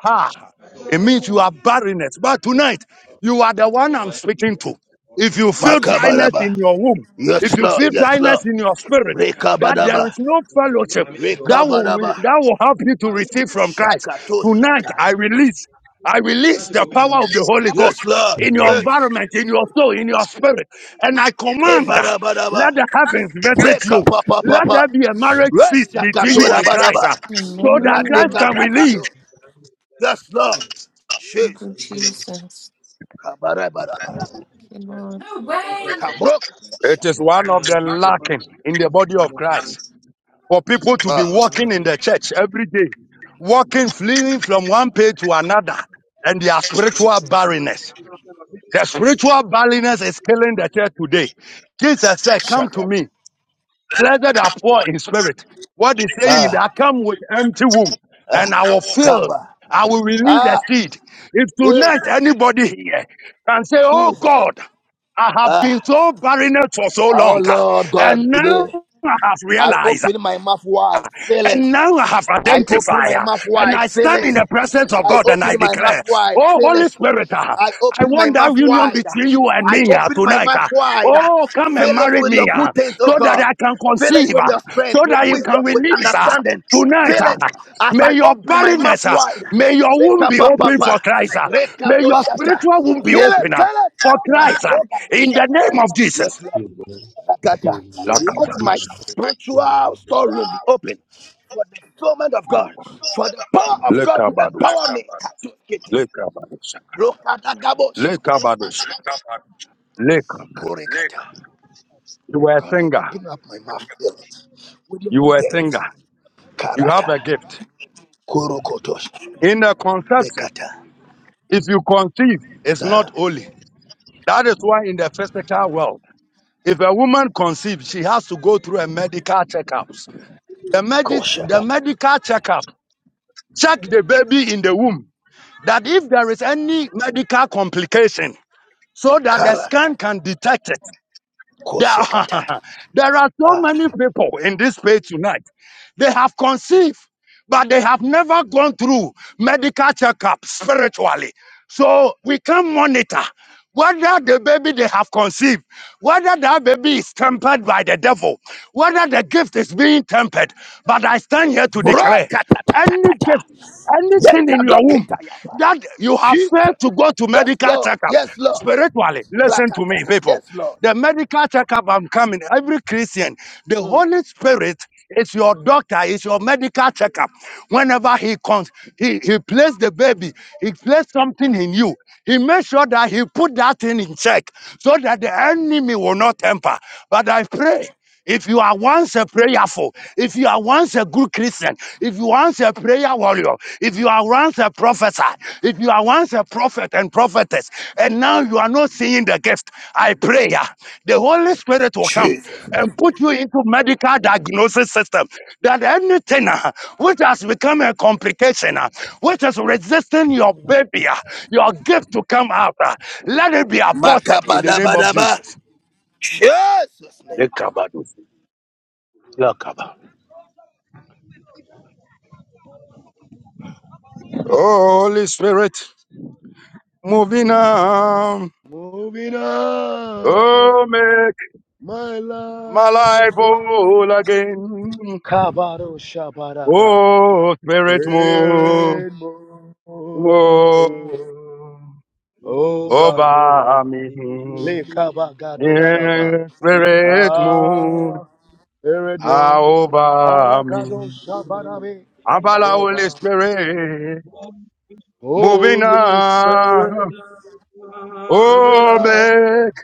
Speaker 1: Ha!
Speaker 11: Ah, just ask
Speaker 1: It means you are barrenness. But
Speaker 11: the
Speaker 1: tonight, you are the one I'm speaking
Speaker 11: class.
Speaker 1: to. If you feel dryness
Speaker 6: makabaraba.
Speaker 1: in your womb,
Speaker 6: Yes,
Speaker 1: if you
Speaker 6: Lord,
Speaker 1: feel
Speaker 6: yes,
Speaker 1: dryness
Speaker 6: Lord.
Speaker 1: in your spirit, that there is
Speaker 6: Rekabaraba,
Speaker 1: no
Speaker 11: Ask the class,
Speaker 1: fellowship
Speaker 11: mummy, don't buy.
Speaker 1: that will
Speaker 6: rekabaraba,
Speaker 1: that will help you to
Speaker 11: But many times,
Speaker 1: receive
Speaker 11: uh,
Speaker 1: from Christ.
Speaker 6: shakato
Speaker 1: Tonight,
Speaker 6: shata.
Speaker 1: I
Speaker 11: na- na-
Speaker 1: release, I release
Speaker 11: lásìkò
Speaker 1: the
Speaker 11: bẹ́ẹ̀ ni mo
Speaker 1: power of
Speaker 11: lọ.
Speaker 1: the Holy Ghost
Speaker 6: Yes, Lord,
Speaker 2: Amen.
Speaker 1: in your
Speaker 6: Jesus.
Speaker 1: environment, in your soul, in your spirit, and I command, uh,
Speaker 6: Kebarabaraba.
Speaker 1: let the heavens visit
Speaker 6: Break up,
Speaker 1: you.
Speaker 6: up, up, up,
Speaker 1: Let there
Speaker 6: up.
Speaker 1: be a marriage feast between
Speaker 11: Ọlọ́run
Speaker 1: you
Speaker 11: ṣe
Speaker 1: and Christ, uh,
Speaker 6: Rashakatorabadaba.
Speaker 11: àwọn
Speaker 1: so
Speaker 11: ẹni bá
Speaker 1: that
Speaker 11: wọn ṣe
Speaker 1: Christ
Speaker 8: Amen.
Speaker 11: ọ̀rẹ́
Speaker 1: can
Speaker 11: níbẹ̀ ṣe
Speaker 1: release.
Speaker 11: ṣe
Speaker 6: brakado. Yes, Lord.
Speaker 8: Thank you,
Speaker 6: Jesus.
Speaker 11: ìjì lọ.
Speaker 8: Jesus.
Speaker 6: Kabarabadaba.
Speaker 8: Thank
Speaker 11: Sọ
Speaker 8: you, Lord.
Speaker 11: sọ bá pẹ́.
Speaker 6: Kabrokato
Speaker 1: It is
Speaker 6: shata.
Speaker 1: one
Speaker 11: Náà
Speaker 1: of the
Speaker 11: àti sọ bá
Speaker 1: lacking
Speaker 11: pẹ́. Wọ́n
Speaker 1: in the
Speaker 11: bẹ̀ sí
Speaker 1: body
Speaker 11: ni
Speaker 1: of
Speaker 11: mo ra
Speaker 1: Christ for people to be
Speaker 11: ọ̀kọ́
Speaker 6: Wow.
Speaker 11: àná
Speaker 1: walking
Speaker 11: fi.
Speaker 1: in the church every day, walking, fleeing from one page to another, and their
Speaker 11: Èyí
Speaker 1: spiritual barrenness.
Speaker 11: àwọn afẹ́ràn
Speaker 1: The
Speaker 11: sí ẹ̀yí.
Speaker 1: spiritual barrenness is killing the church today. Jesus said, Come to
Speaker 6: Shaka.
Speaker 1: me. Blessed are poor in spirit. What is saying is that
Speaker 6: Ah,
Speaker 1: I come with empty womb
Speaker 6: ah,
Speaker 1: and I will fill,
Speaker 6: kaba.
Speaker 1: I will release the
Speaker 6: Ah,
Speaker 1: seed. If tonight
Speaker 6: Jesus.
Speaker 1: anybody here can say, Oh
Speaker 6: Jesus.
Speaker 1: God, I have been
Speaker 6: Ah,
Speaker 1: so barren for so
Speaker 6: oh
Speaker 1: long, ah,
Speaker 6: Lord God,
Speaker 1: and now
Speaker 6: today
Speaker 1: I have
Speaker 6: I
Speaker 1: realized.
Speaker 6: open my mouth wide, fill it.
Speaker 1: And now I have
Speaker 6: I open
Speaker 1: identified,
Speaker 6: my
Speaker 1: uh,
Speaker 6: mouth
Speaker 1: and
Speaker 6: wide,
Speaker 1: I
Speaker 6: fill
Speaker 1: stand
Speaker 6: it.
Speaker 1: in the presence of
Speaker 6: I
Speaker 1: God and
Speaker 6: open
Speaker 1: I
Speaker 6: my mouth
Speaker 1: declare,
Speaker 6: wide,
Speaker 1: Oh,
Speaker 6: fill
Speaker 1: Holy
Speaker 6: it.
Speaker 1: Spirit, uh,
Speaker 6: I
Speaker 1: I
Speaker 6: open my
Speaker 1: want that
Speaker 6: mouth
Speaker 1: union
Speaker 6: wide.
Speaker 1: between you and
Speaker 6: I
Speaker 1: me uh,
Speaker 6: open my
Speaker 1: tonight.
Speaker 6: mouth
Speaker 1: uh.
Speaker 6: wide.
Speaker 1: Oh, come and
Speaker 6: Fill it
Speaker 1: marry
Speaker 6: with your
Speaker 1: me uh,
Speaker 6: good things, oh
Speaker 1: so that
Speaker 6: God.
Speaker 1: I can
Speaker 6: Fill it
Speaker 1: conceive, uh,
Speaker 6: with your
Speaker 1: so
Speaker 6: strength, with
Speaker 1: that you can
Speaker 6: wisdom, with
Speaker 1: release uh,
Speaker 6: understanding.
Speaker 1: tonight.
Speaker 6: Fill it
Speaker 1: uh.
Speaker 6: as I
Speaker 1: May your
Speaker 6: open my mouth
Speaker 1: barrenness, uh,
Speaker 6: wide.
Speaker 1: may your womb
Speaker 6: Reka
Speaker 1: be open for
Speaker 6: papa,
Speaker 1: Christ. uh.
Speaker 6: reka
Speaker 1: May
Speaker 6: do
Speaker 1: your
Speaker 6: shata.
Speaker 1: spiritual womb be
Speaker 6: Fill it,
Speaker 1: open uh,
Speaker 6: fill it.
Speaker 1: for Christ uh,
Speaker 6: Magaroga do
Speaker 1: in the
Speaker 6: shata.
Speaker 1: name of Jesus.
Speaker 6: Yes, Lord. Rakata.
Speaker 2: Amen.
Speaker 6: Let my
Speaker 1: Lekabados,
Speaker 2: Amen.
Speaker 6: spiritual storeroom be open for the fulfillment of God, for the power of God to
Speaker 1: lekabados,
Speaker 6: empower me.
Speaker 1: lekabados,
Speaker 6: Rokadagabos.
Speaker 1: lekabados. lake,
Speaker 6: Korekata.
Speaker 1: you were,
Speaker 6: God, I open up my mouth fill it with your
Speaker 1: you
Speaker 6: good
Speaker 1: were a
Speaker 6: things.
Speaker 1: singer. You have
Speaker 6: Karata.
Speaker 1: it.
Speaker 6: Korokotos.
Speaker 1: in the conception.
Speaker 6: Lekata.
Speaker 1: If you conceive, it's not
Speaker 6: Ah,
Speaker 1: holy. That is why in the physical world, if a woman conceives, she has to go through a medical checkup. The, medi- the
Speaker 6: Koshakata.
Speaker 1: medical checkup check the baby in the womb that if there is any medical complication, so that the scan
Speaker 6: Karata.
Speaker 1: can detect it. There,
Speaker 6: Koshekata.
Speaker 1: are, there are so
Speaker 6: Ah.
Speaker 1: many people in this space tonight. They have conceived, but they have never gone through medical checkup spiritually. So we can monitor whether the baby they have conceived, whether that baby is tempered by the devil, whether the gift is being tempered. But I stand here to declare. Any
Speaker 6: Brokatatatata.
Speaker 1: gift, anything in your womb
Speaker 6: Yekadoketayaba.
Speaker 1: that you have
Speaker 6: Jesus.
Speaker 1: failed to go to
Speaker 6: Yes,
Speaker 1: medical
Speaker 6: Lord.
Speaker 1: checkup
Speaker 6: Yes, Lord.
Speaker 1: spiritually. Listen to
Speaker 6: Rakata.
Speaker 1: me, people.
Speaker 6: Yes, Lord.
Speaker 1: The medical checkup I'm coming, every Christian, the Holy Spirit is your doctor, is your medical checkup. Whenever he comes, he, he placed the baby, he placed something in you. He made sure that he put that thing in check so that the enemy will not temper. But I pray. If you are once a prayerful, if you are once a good Christian, if you are once a prayer warrior, if you are once a professor, if you are once a prophet and prophetess, and now you are not seeing the gift, I pray ah, the Holy Spirit will come
Speaker 6: Jesus.
Speaker 1: and put you into medical diagnosis system that anything ah, which has become a complication, ah, which is resisting your baby, ah, your gift to come out, ah, let it be aborted in the name of
Speaker 6: Makabadabadaba.
Speaker 1: Jesus.
Speaker 6: Jesus' name.
Speaker 1: Oh, Holy Spirit. Moving on.
Speaker 6: Moving on.
Speaker 1: Oh, make
Speaker 6: My
Speaker 1: my
Speaker 6: life
Speaker 1: life
Speaker 6: was
Speaker 1: whole again.
Speaker 6: Kabado Shabaraba.
Speaker 1: Oh, Spirit, move,
Speaker 6: there and more
Speaker 1: move
Speaker 11: Ó bá
Speaker 6: Over
Speaker 1: over
Speaker 6: me.
Speaker 1: me.
Speaker 11: mi
Speaker 6: Le Kabagado Shaba.
Speaker 1: Yeah,
Speaker 11: bí.
Speaker 1: Spirit, move
Speaker 6: Ah, there and
Speaker 1: ah,
Speaker 6: more
Speaker 1: over
Speaker 6: Aragado
Speaker 1: me.
Speaker 6: Shabarabe.
Speaker 1: Abala Holy
Speaker 6: Over.
Speaker 1: Spirit, moving
Speaker 6: Holy Spirit,
Speaker 1: on.
Speaker 6: come in
Speaker 1: Oh,
Speaker 6: now,
Speaker 1: make,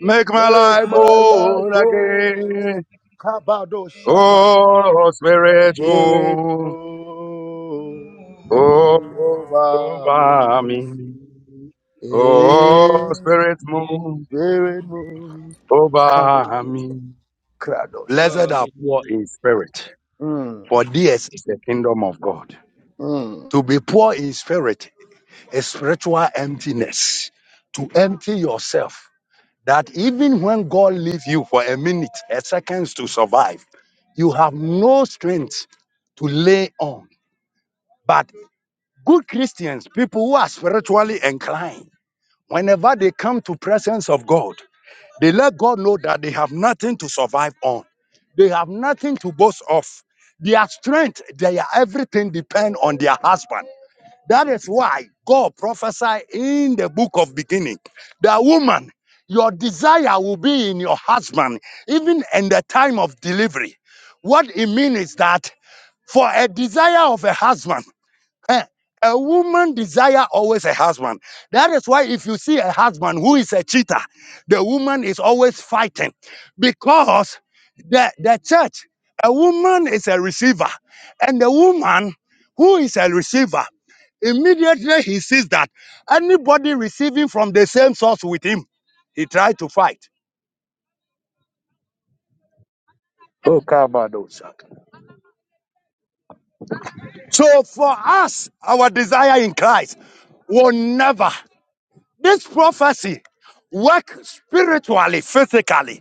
Speaker 1: make my
Speaker 6: make
Speaker 1: life
Speaker 11: My
Speaker 6: my life
Speaker 1: whole
Speaker 6: whole.
Speaker 1: again.
Speaker 6: Kabado Shabara.
Speaker 1: Oh, Spirit,
Speaker 6: Spirit
Speaker 1: move.
Speaker 6: move over
Speaker 1: over
Speaker 6: me.
Speaker 1: me.
Speaker 6: Eh,
Speaker 1: Oh, Spirit, move
Speaker 6: Spirit move. Kado,
Speaker 1: over me.
Speaker 6: krado,
Speaker 1: Blessed
Speaker 6: shata.
Speaker 1: are poor,
Speaker 6: Mm,
Speaker 1: for theirs is the kingdom of God.
Speaker 6: mm.
Speaker 1: To be poor in spirit is spiritual emptiness. To empty yourself, that even when God leaves you for a minute, a seconds to survive, you have no strength to lay on. But good Christians, people who are spiritually inclined, whenever they come to presence of God. They let God know that they have nothing to survive on. They have nothing to boast of. Their strength, their everything depend on their husband. That is why God prophesied in the book of beginning that woman, your desire will be in your husband, even in the time of delivery. What it means is that for a desire of a husband, Eh, A woman desire always a husband. That is why if you see a husband who is a cheater, the woman is always fighting because the, the church, a woman is a receiver. And the woman who is a receiver, immediately he sees that anybody receiving from the same source with him, he tried to fight. Oh, Kabado Saka. So for us, our desire in Christ will never. This prophecy work spiritually, physically.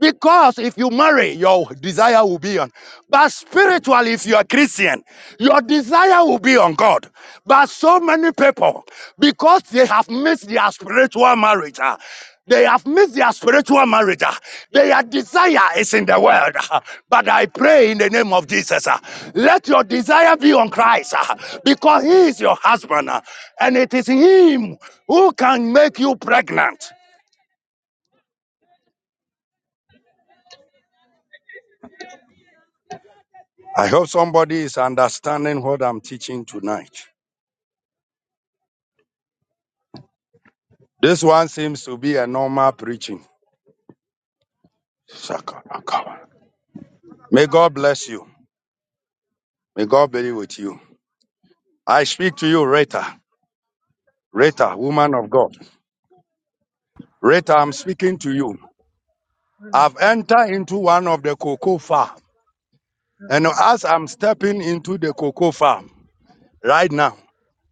Speaker 1: Because if you marry, your desire will be on. But spiritually, if you are Christian, your desire will be on God. But so many people, because they have missed their spiritual marriage, ah, they have missed their spiritual marriage. ah, Their desire is in the world. ah. But I pray in the name of Jesus, ah, let your desire be on Christ, ah, because He is your husband, ah, and it is Him who can make you pregnant. I hope somebody is understanding what I'm teaching tonight. This one seems to be a normal preaching. May God bless you. May God be with you. I speak to you, Rita.
Speaker 11: Yes,
Speaker 1: Rita,
Speaker 11: Lord.
Speaker 1: woman of God. Rita, I'm
Speaker 12: Let us
Speaker 1: speaking to you.
Speaker 12: dwell of
Speaker 1: I've
Speaker 12: God's
Speaker 1: entered into one of the cocoa farm. And as
Speaker 12: darkness,
Speaker 1: I'm stepping into the cocoa farm right now,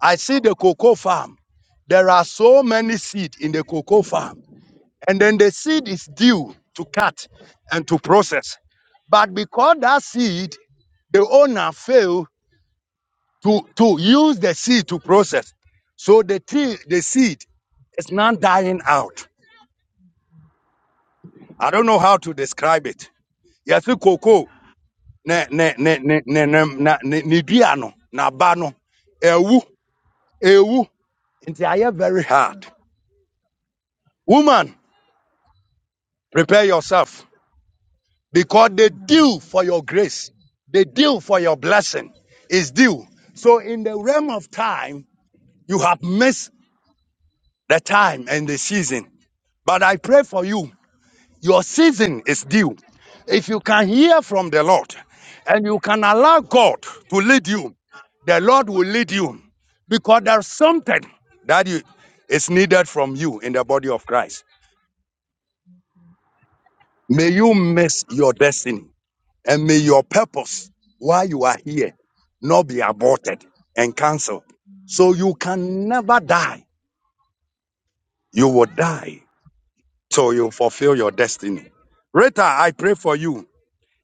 Speaker 1: I see the cocoa farm. There are so many seeds in the cocoa farm. and then the seed is due to cut and to process. But because that seed, the owner failed to, to use the seed to process. So the tree, the seed is not dying out. I don't know how to describe it. Yɛse koko ne ne ne ne ne ne na- ne ne dua no, n'aba no, ɛwu, ɛwu. Nti ayɛ very hard. Woman, prepare yourself. because the
Speaker 12: amen of
Speaker 1: due
Speaker 12: God.
Speaker 1: for your grace, the due for your blessing is due. So in the realm of time, you have missed the time and the season. But I pray for you, your season is due. If you can hear from the Lord and you can allow God to lead you, the Lord will lead you because there's something that you, is needed from you in the body of Christ. May you miss your destiny And may your purpose while you are here not be aborted and cancelled. So you can never die. You will die till you fulfill your destiny. Rita, I pray for you.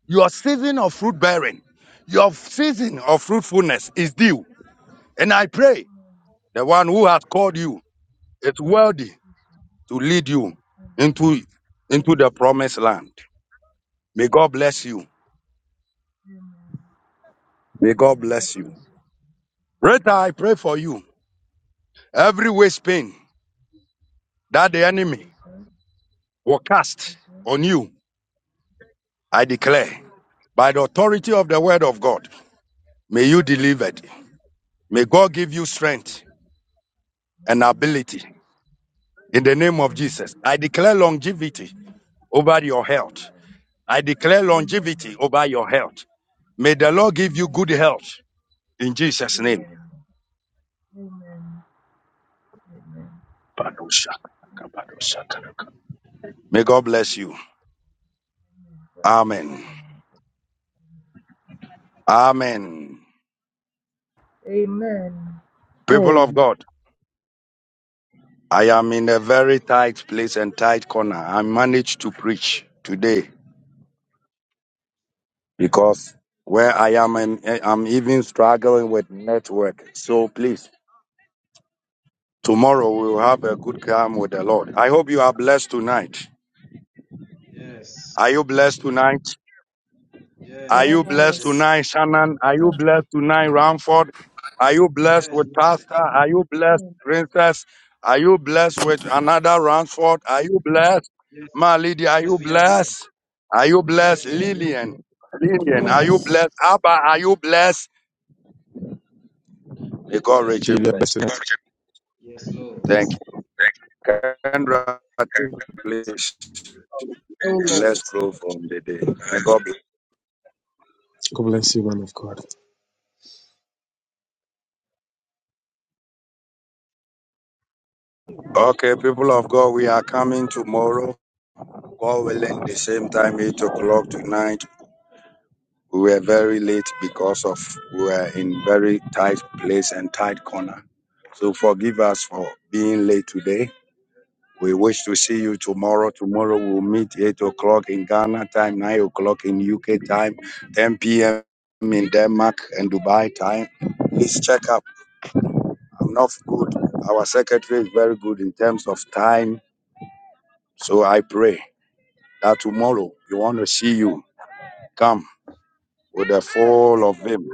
Speaker 1: Your season of fruit bearing, your season of fruitfulness is due. And I pray the one who has called you is worthy to lead you into you.
Speaker 12: Amen. Amen. God bless you.
Speaker 1: Read you.
Speaker 12: Amen.
Speaker 1: Heaven, that me
Speaker 12: Jesus.
Speaker 1: will cast
Speaker 12: Jesus.
Speaker 1: on you
Speaker 12: Jesus.
Speaker 1: eh, by God.
Speaker 12: Jesus.
Speaker 1: May God give
Speaker 12: Amen.
Speaker 1: it an
Speaker 12: Amen.
Speaker 1: ability
Speaker 12: Amen. Amen. Amen. Amen. Amen. Amen. Amen. Amen. Amen. God bless you, man of God. Amen.
Speaker 13: Amen.
Speaker 1: today. Means with next- Tomorrow we'll have a good time with the Lord. I hope blessed tonight.
Speaker 11: Yes.
Speaker 1: Are you blessed tonight? Are
Speaker 11: Yes,
Speaker 1: you
Speaker 11: we are
Speaker 1: blessed
Speaker 7: Yes,
Speaker 11: blessed.
Speaker 1: tonight, Shannon? Are you blessed tonight, Ramford? Are you blessed
Speaker 11: Yes,
Speaker 1: with
Speaker 11: we are blessed.
Speaker 1: Pastor? Are you blessed, Princess? Are you blessed with another Ramford? Are you blessed? Ma
Speaker 11: Yes.
Speaker 1: Lydia, are you
Speaker 11: Yes, we are blessed.
Speaker 1: blessed? Are you blessed,
Speaker 11: Yes, we are blessed.
Speaker 1: Lillian? Lillian, are you
Speaker 14: Yes.
Speaker 1: blessed? Abba, are you blessed? May God
Speaker 11: Yes, we
Speaker 1: richly
Speaker 11: are
Speaker 2: David,
Speaker 11: blessed.
Speaker 1: bless.
Speaker 2: bless you.
Speaker 11: Yes,
Speaker 1: you.
Speaker 11: Lord.
Speaker 1: Thank you. Kendra, please, and
Speaker 4: Amen.
Speaker 1: let's grow from the day. May God bless.
Speaker 2: God bless you, man of God.
Speaker 1: Okay, people of God, we are coming tomorrow. God willing, the same time, 8 o'clock tonight. We were very late because of we were in very tight place and tight corner. So forgive us for being late today. We wish to see you tomorrow. Tomorrow we'll meet 8 o'clock in Ghana time, 9 o'clock in UK time, 10 p.m. in Denmark and Dubai time. Please check up. I'm not good. Our secretary is very good in terms of time. So I pray. that tomorrow you want to see you come with the full of Him.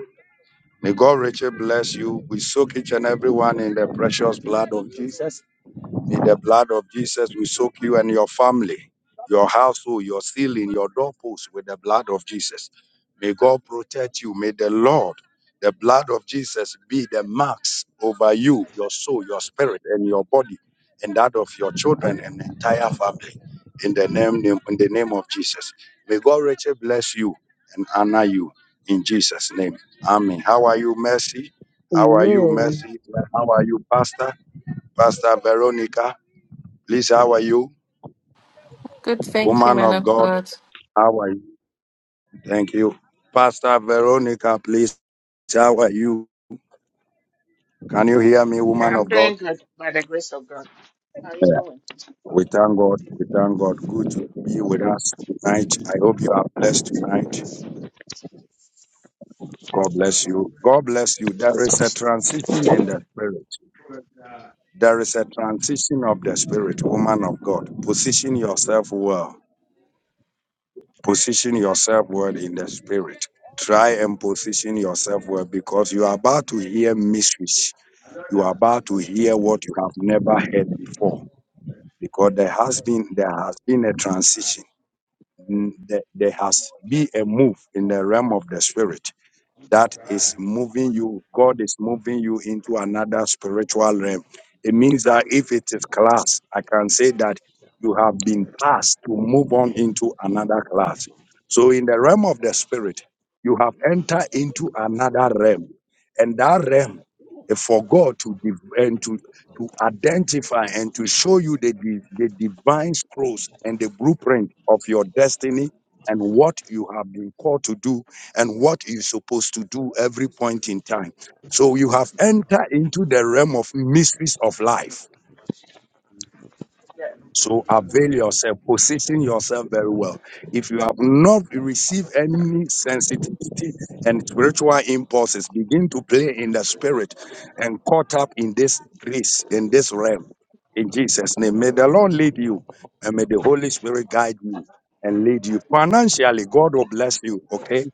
Speaker 1: May God richly bless you. We soak each and every one in the precious blood of Jesus. In the blood of Jesus, we soak you and your family, your household, your ceiling, your doorpost with the blood of Jesus. May God protect you. May the Lord, the blood of Jesus, be the marks over you, your soul, your spirit, and your body, and that of your children and entire family. In the name, in the name of Jesus. May God richly bless you and honor you in Jesus' name. Amen. How are you, Mercy? How are you,
Speaker 11: Amen.
Speaker 13: Amen.
Speaker 1: Mercy? How are you, Pastor? Pastor Veronica? Please, how are you?
Speaker 8: Good, thank you,
Speaker 1: Woman
Speaker 8: man
Speaker 1: of
Speaker 8: of
Speaker 1: God,
Speaker 8: God.
Speaker 1: how are you? Thank you. Pastor Veronica, please, how are you? Can you hear me,
Speaker 15: Yeah,
Speaker 1: woman of
Speaker 15: I'm
Speaker 1: God?
Speaker 15: doing good by the grace of God. How are you doing?
Speaker 1: We thank God. We thank God. Good to be with us tonight. I hope you are blessed tonight. God bless you. God bless you. There is a transition in the spirit. There is a transition of the spirit, woman of God. Position yourself well. Position yourself well in the spirit. Try and position yourself well because you are about to hear mysteries you are about to hear what you have never heard before because there has been there has been a transition Mm, there, there
Speaker 15: Amen.
Speaker 1: has been a move in the realm of the spirit that
Speaker 15: That's good.
Speaker 1: it means you
Speaker 11: Man,
Speaker 1: have to enter in it and what you have been called to do and what you're supposed to do every point in time so you have entered into the realm of mysteries of life
Speaker 15: Yeah.
Speaker 1: So avail yourself, position yourself very well. If you have not received any sensitivity and spiritual impulses, begin to play in the spirit and caught up in this grace, in this realm, in Jesus' name. May the Lord lead you and may the Holy Spirit guide you and lead you. Financially, God will bless you, okay?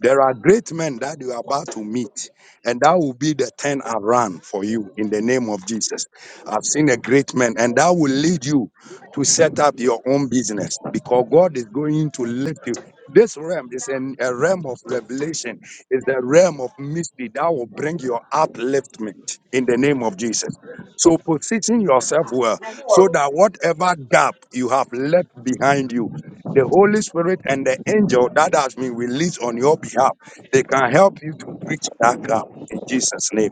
Speaker 1: There are great men that you are about to meet, and that will be the turn around for you in the name of Jesus. I've seen a great man, and that will lead you to set up your own business because God is going to lift you. This realm is an, a realm of revelation, it's the realm of mystery that will bring your upliftment in the name of Jesus. So, position
Speaker 13: The
Speaker 1: yourself well
Speaker 15: And you
Speaker 1: so
Speaker 15: are,
Speaker 1: that whatever gap you have left behind you the Holy Spirit and the angel that has been released on your behalf, they can help you to reach that ground in Jesus' name.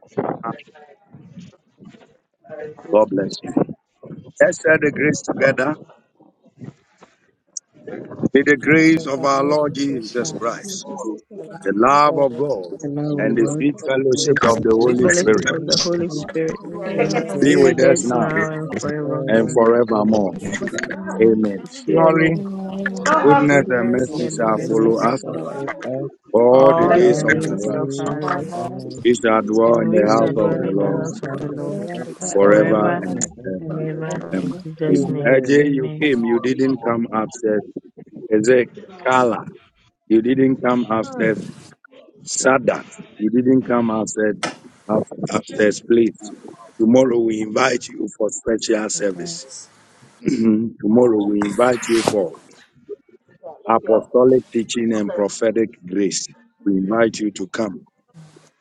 Speaker 1: It
Speaker 7: use of our
Speaker 1: is
Speaker 7: relationships finds the love
Speaker 1: the love
Speaker 7: of
Speaker 1: of
Speaker 7: God
Speaker 1: God
Speaker 7: and the
Speaker 13: love
Speaker 1: and
Speaker 13: of
Speaker 1: the
Speaker 13: God
Speaker 7: spirit of the
Speaker 13: in
Speaker 7: Holy
Speaker 13: the
Speaker 7: Spirit.
Speaker 13: situation
Speaker 3: Sweet
Speaker 13: of
Speaker 3: fellowship
Speaker 1: Spirit
Speaker 13: the
Speaker 3: of the
Speaker 13: Holy
Speaker 3: Holy
Speaker 13: Spirit
Speaker 3: Spirit
Speaker 7: Be
Speaker 15: you
Speaker 13: be
Speaker 15: are
Speaker 7: with
Speaker 15: taking
Speaker 8: Forever,
Speaker 15: it
Speaker 7: us
Speaker 1: be
Speaker 13: with
Speaker 3: be
Speaker 15: again?
Speaker 1: with
Speaker 3: with
Speaker 7: now
Speaker 1: us
Speaker 3: us
Speaker 1: now
Speaker 13: us
Speaker 7: and
Speaker 3: now and
Speaker 7: forever.
Speaker 1: and
Speaker 3: forevermore.
Speaker 13: evermore. Amen.
Speaker 1: forevermore.
Speaker 7: In
Speaker 1: Amen. Surely,
Speaker 3: Surely
Speaker 15: You don't
Speaker 9: We
Speaker 15: have to
Speaker 1: goodness
Speaker 9: await
Speaker 1: and
Speaker 7: the
Speaker 3: goodness
Speaker 15: put
Speaker 9: the
Speaker 1: mercy
Speaker 13: Goodness
Speaker 15: your
Speaker 3: and
Speaker 9: grace
Speaker 1: shall
Speaker 7: goodness
Speaker 13: and
Speaker 7: and
Speaker 9: and
Speaker 3: mercy
Speaker 1: follow
Speaker 13: mercy
Speaker 7: mercy of
Speaker 3: shall
Speaker 15: finger
Speaker 1: us
Speaker 9: mercy of
Speaker 13: shall
Speaker 15: in
Speaker 7: God,
Speaker 3: follow us
Speaker 15: your
Speaker 13: follow
Speaker 9: God,
Speaker 15: nose.
Speaker 13: us
Speaker 15: I'm
Speaker 1: all
Speaker 15: gonna
Speaker 1: the
Speaker 3: all
Speaker 15: let me
Speaker 9: of
Speaker 1: days
Speaker 3: the
Speaker 9: the
Speaker 15: get
Speaker 1: of
Speaker 13: all
Speaker 15: some.
Speaker 1: our
Speaker 9: day
Speaker 13: the
Speaker 3: days
Speaker 9: of
Speaker 3: of
Speaker 1: lives.
Speaker 9: our
Speaker 3: our
Speaker 13: days
Speaker 9: Lord,
Speaker 7: we
Speaker 13: of
Speaker 7: will
Speaker 3: life,
Speaker 13: our life,
Speaker 1: We shall
Speaker 9: for which
Speaker 3: and
Speaker 1: dwell
Speaker 9: we
Speaker 1: in
Speaker 9: are
Speaker 1: the
Speaker 3: we
Speaker 13: and
Speaker 1: house
Speaker 9: glad
Speaker 3: shall
Speaker 13: we
Speaker 9: to
Speaker 1: of
Speaker 3: dwell
Speaker 13: shall
Speaker 1: the
Speaker 9: have
Speaker 3: in
Speaker 13: be
Speaker 3: the
Speaker 9: the
Speaker 13: in
Speaker 1: Lord
Speaker 13: the
Speaker 3: house
Speaker 9: Holy
Speaker 3: of
Speaker 13: house
Speaker 3: the
Speaker 13: of
Speaker 7: be
Speaker 3: Lord
Speaker 13: the
Speaker 7: the
Speaker 9: Spirit
Speaker 7: end
Speaker 13: Lord
Speaker 7: of
Speaker 9: in
Speaker 8: forever,
Speaker 1: forever
Speaker 13: forever
Speaker 3: forever
Speaker 1: and
Speaker 13: and
Speaker 9: heaven.
Speaker 13: ever.
Speaker 3: and
Speaker 1: ever.
Speaker 3: ever.
Speaker 1: Amen.
Speaker 3: In
Speaker 8: forever.
Speaker 3: Jesus'
Speaker 1: Amen.
Speaker 3: name,
Speaker 13: Amen.
Speaker 1: AJ, you
Speaker 3: Amen.
Speaker 1: came. You didn't come upstairs. Is it Carla? You didn't come upstairs Sad that you didn't come outside after, after the split. Tomorrow we invite you for special
Speaker 7: our
Speaker 1: service.
Speaker 7: days.
Speaker 1: Tomorrow we invite you for
Speaker 15: Yeah, lift your
Speaker 1: apostolic teaching and
Speaker 15: left.
Speaker 1: prophetic grace. We invite you to come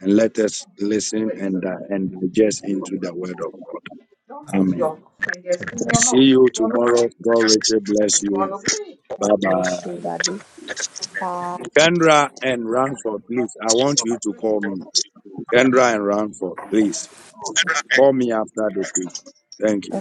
Speaker 1: and let us listen
Speaker 15: Wait, wait.
Speaker 1: and uh, and digest into the word of God.
Speaker 15: Don't put your
Speaker 1: Amen.
Speaker 15: fingers in your
Speaker 1: See
Speaker 15: nose.
Speaker 1: you
Speaker 15: You're gonna
Speaker 1: tomorrow.
Speaker 15: bleed.
Speaker 1: God Richard bless
Speaker 15: You're
Speaker 1: you.
Speaker 15: gonna bleed.
Speaker 1: Bye
Speaker 7: God bless
Speaker 1: bye.
Speaker 7: you, Daddy. Bye.
Speaker 1: Kendra and Ranford, please. I want you to call me. Kendra and Ranford, please. Call me after the thing. Thank you.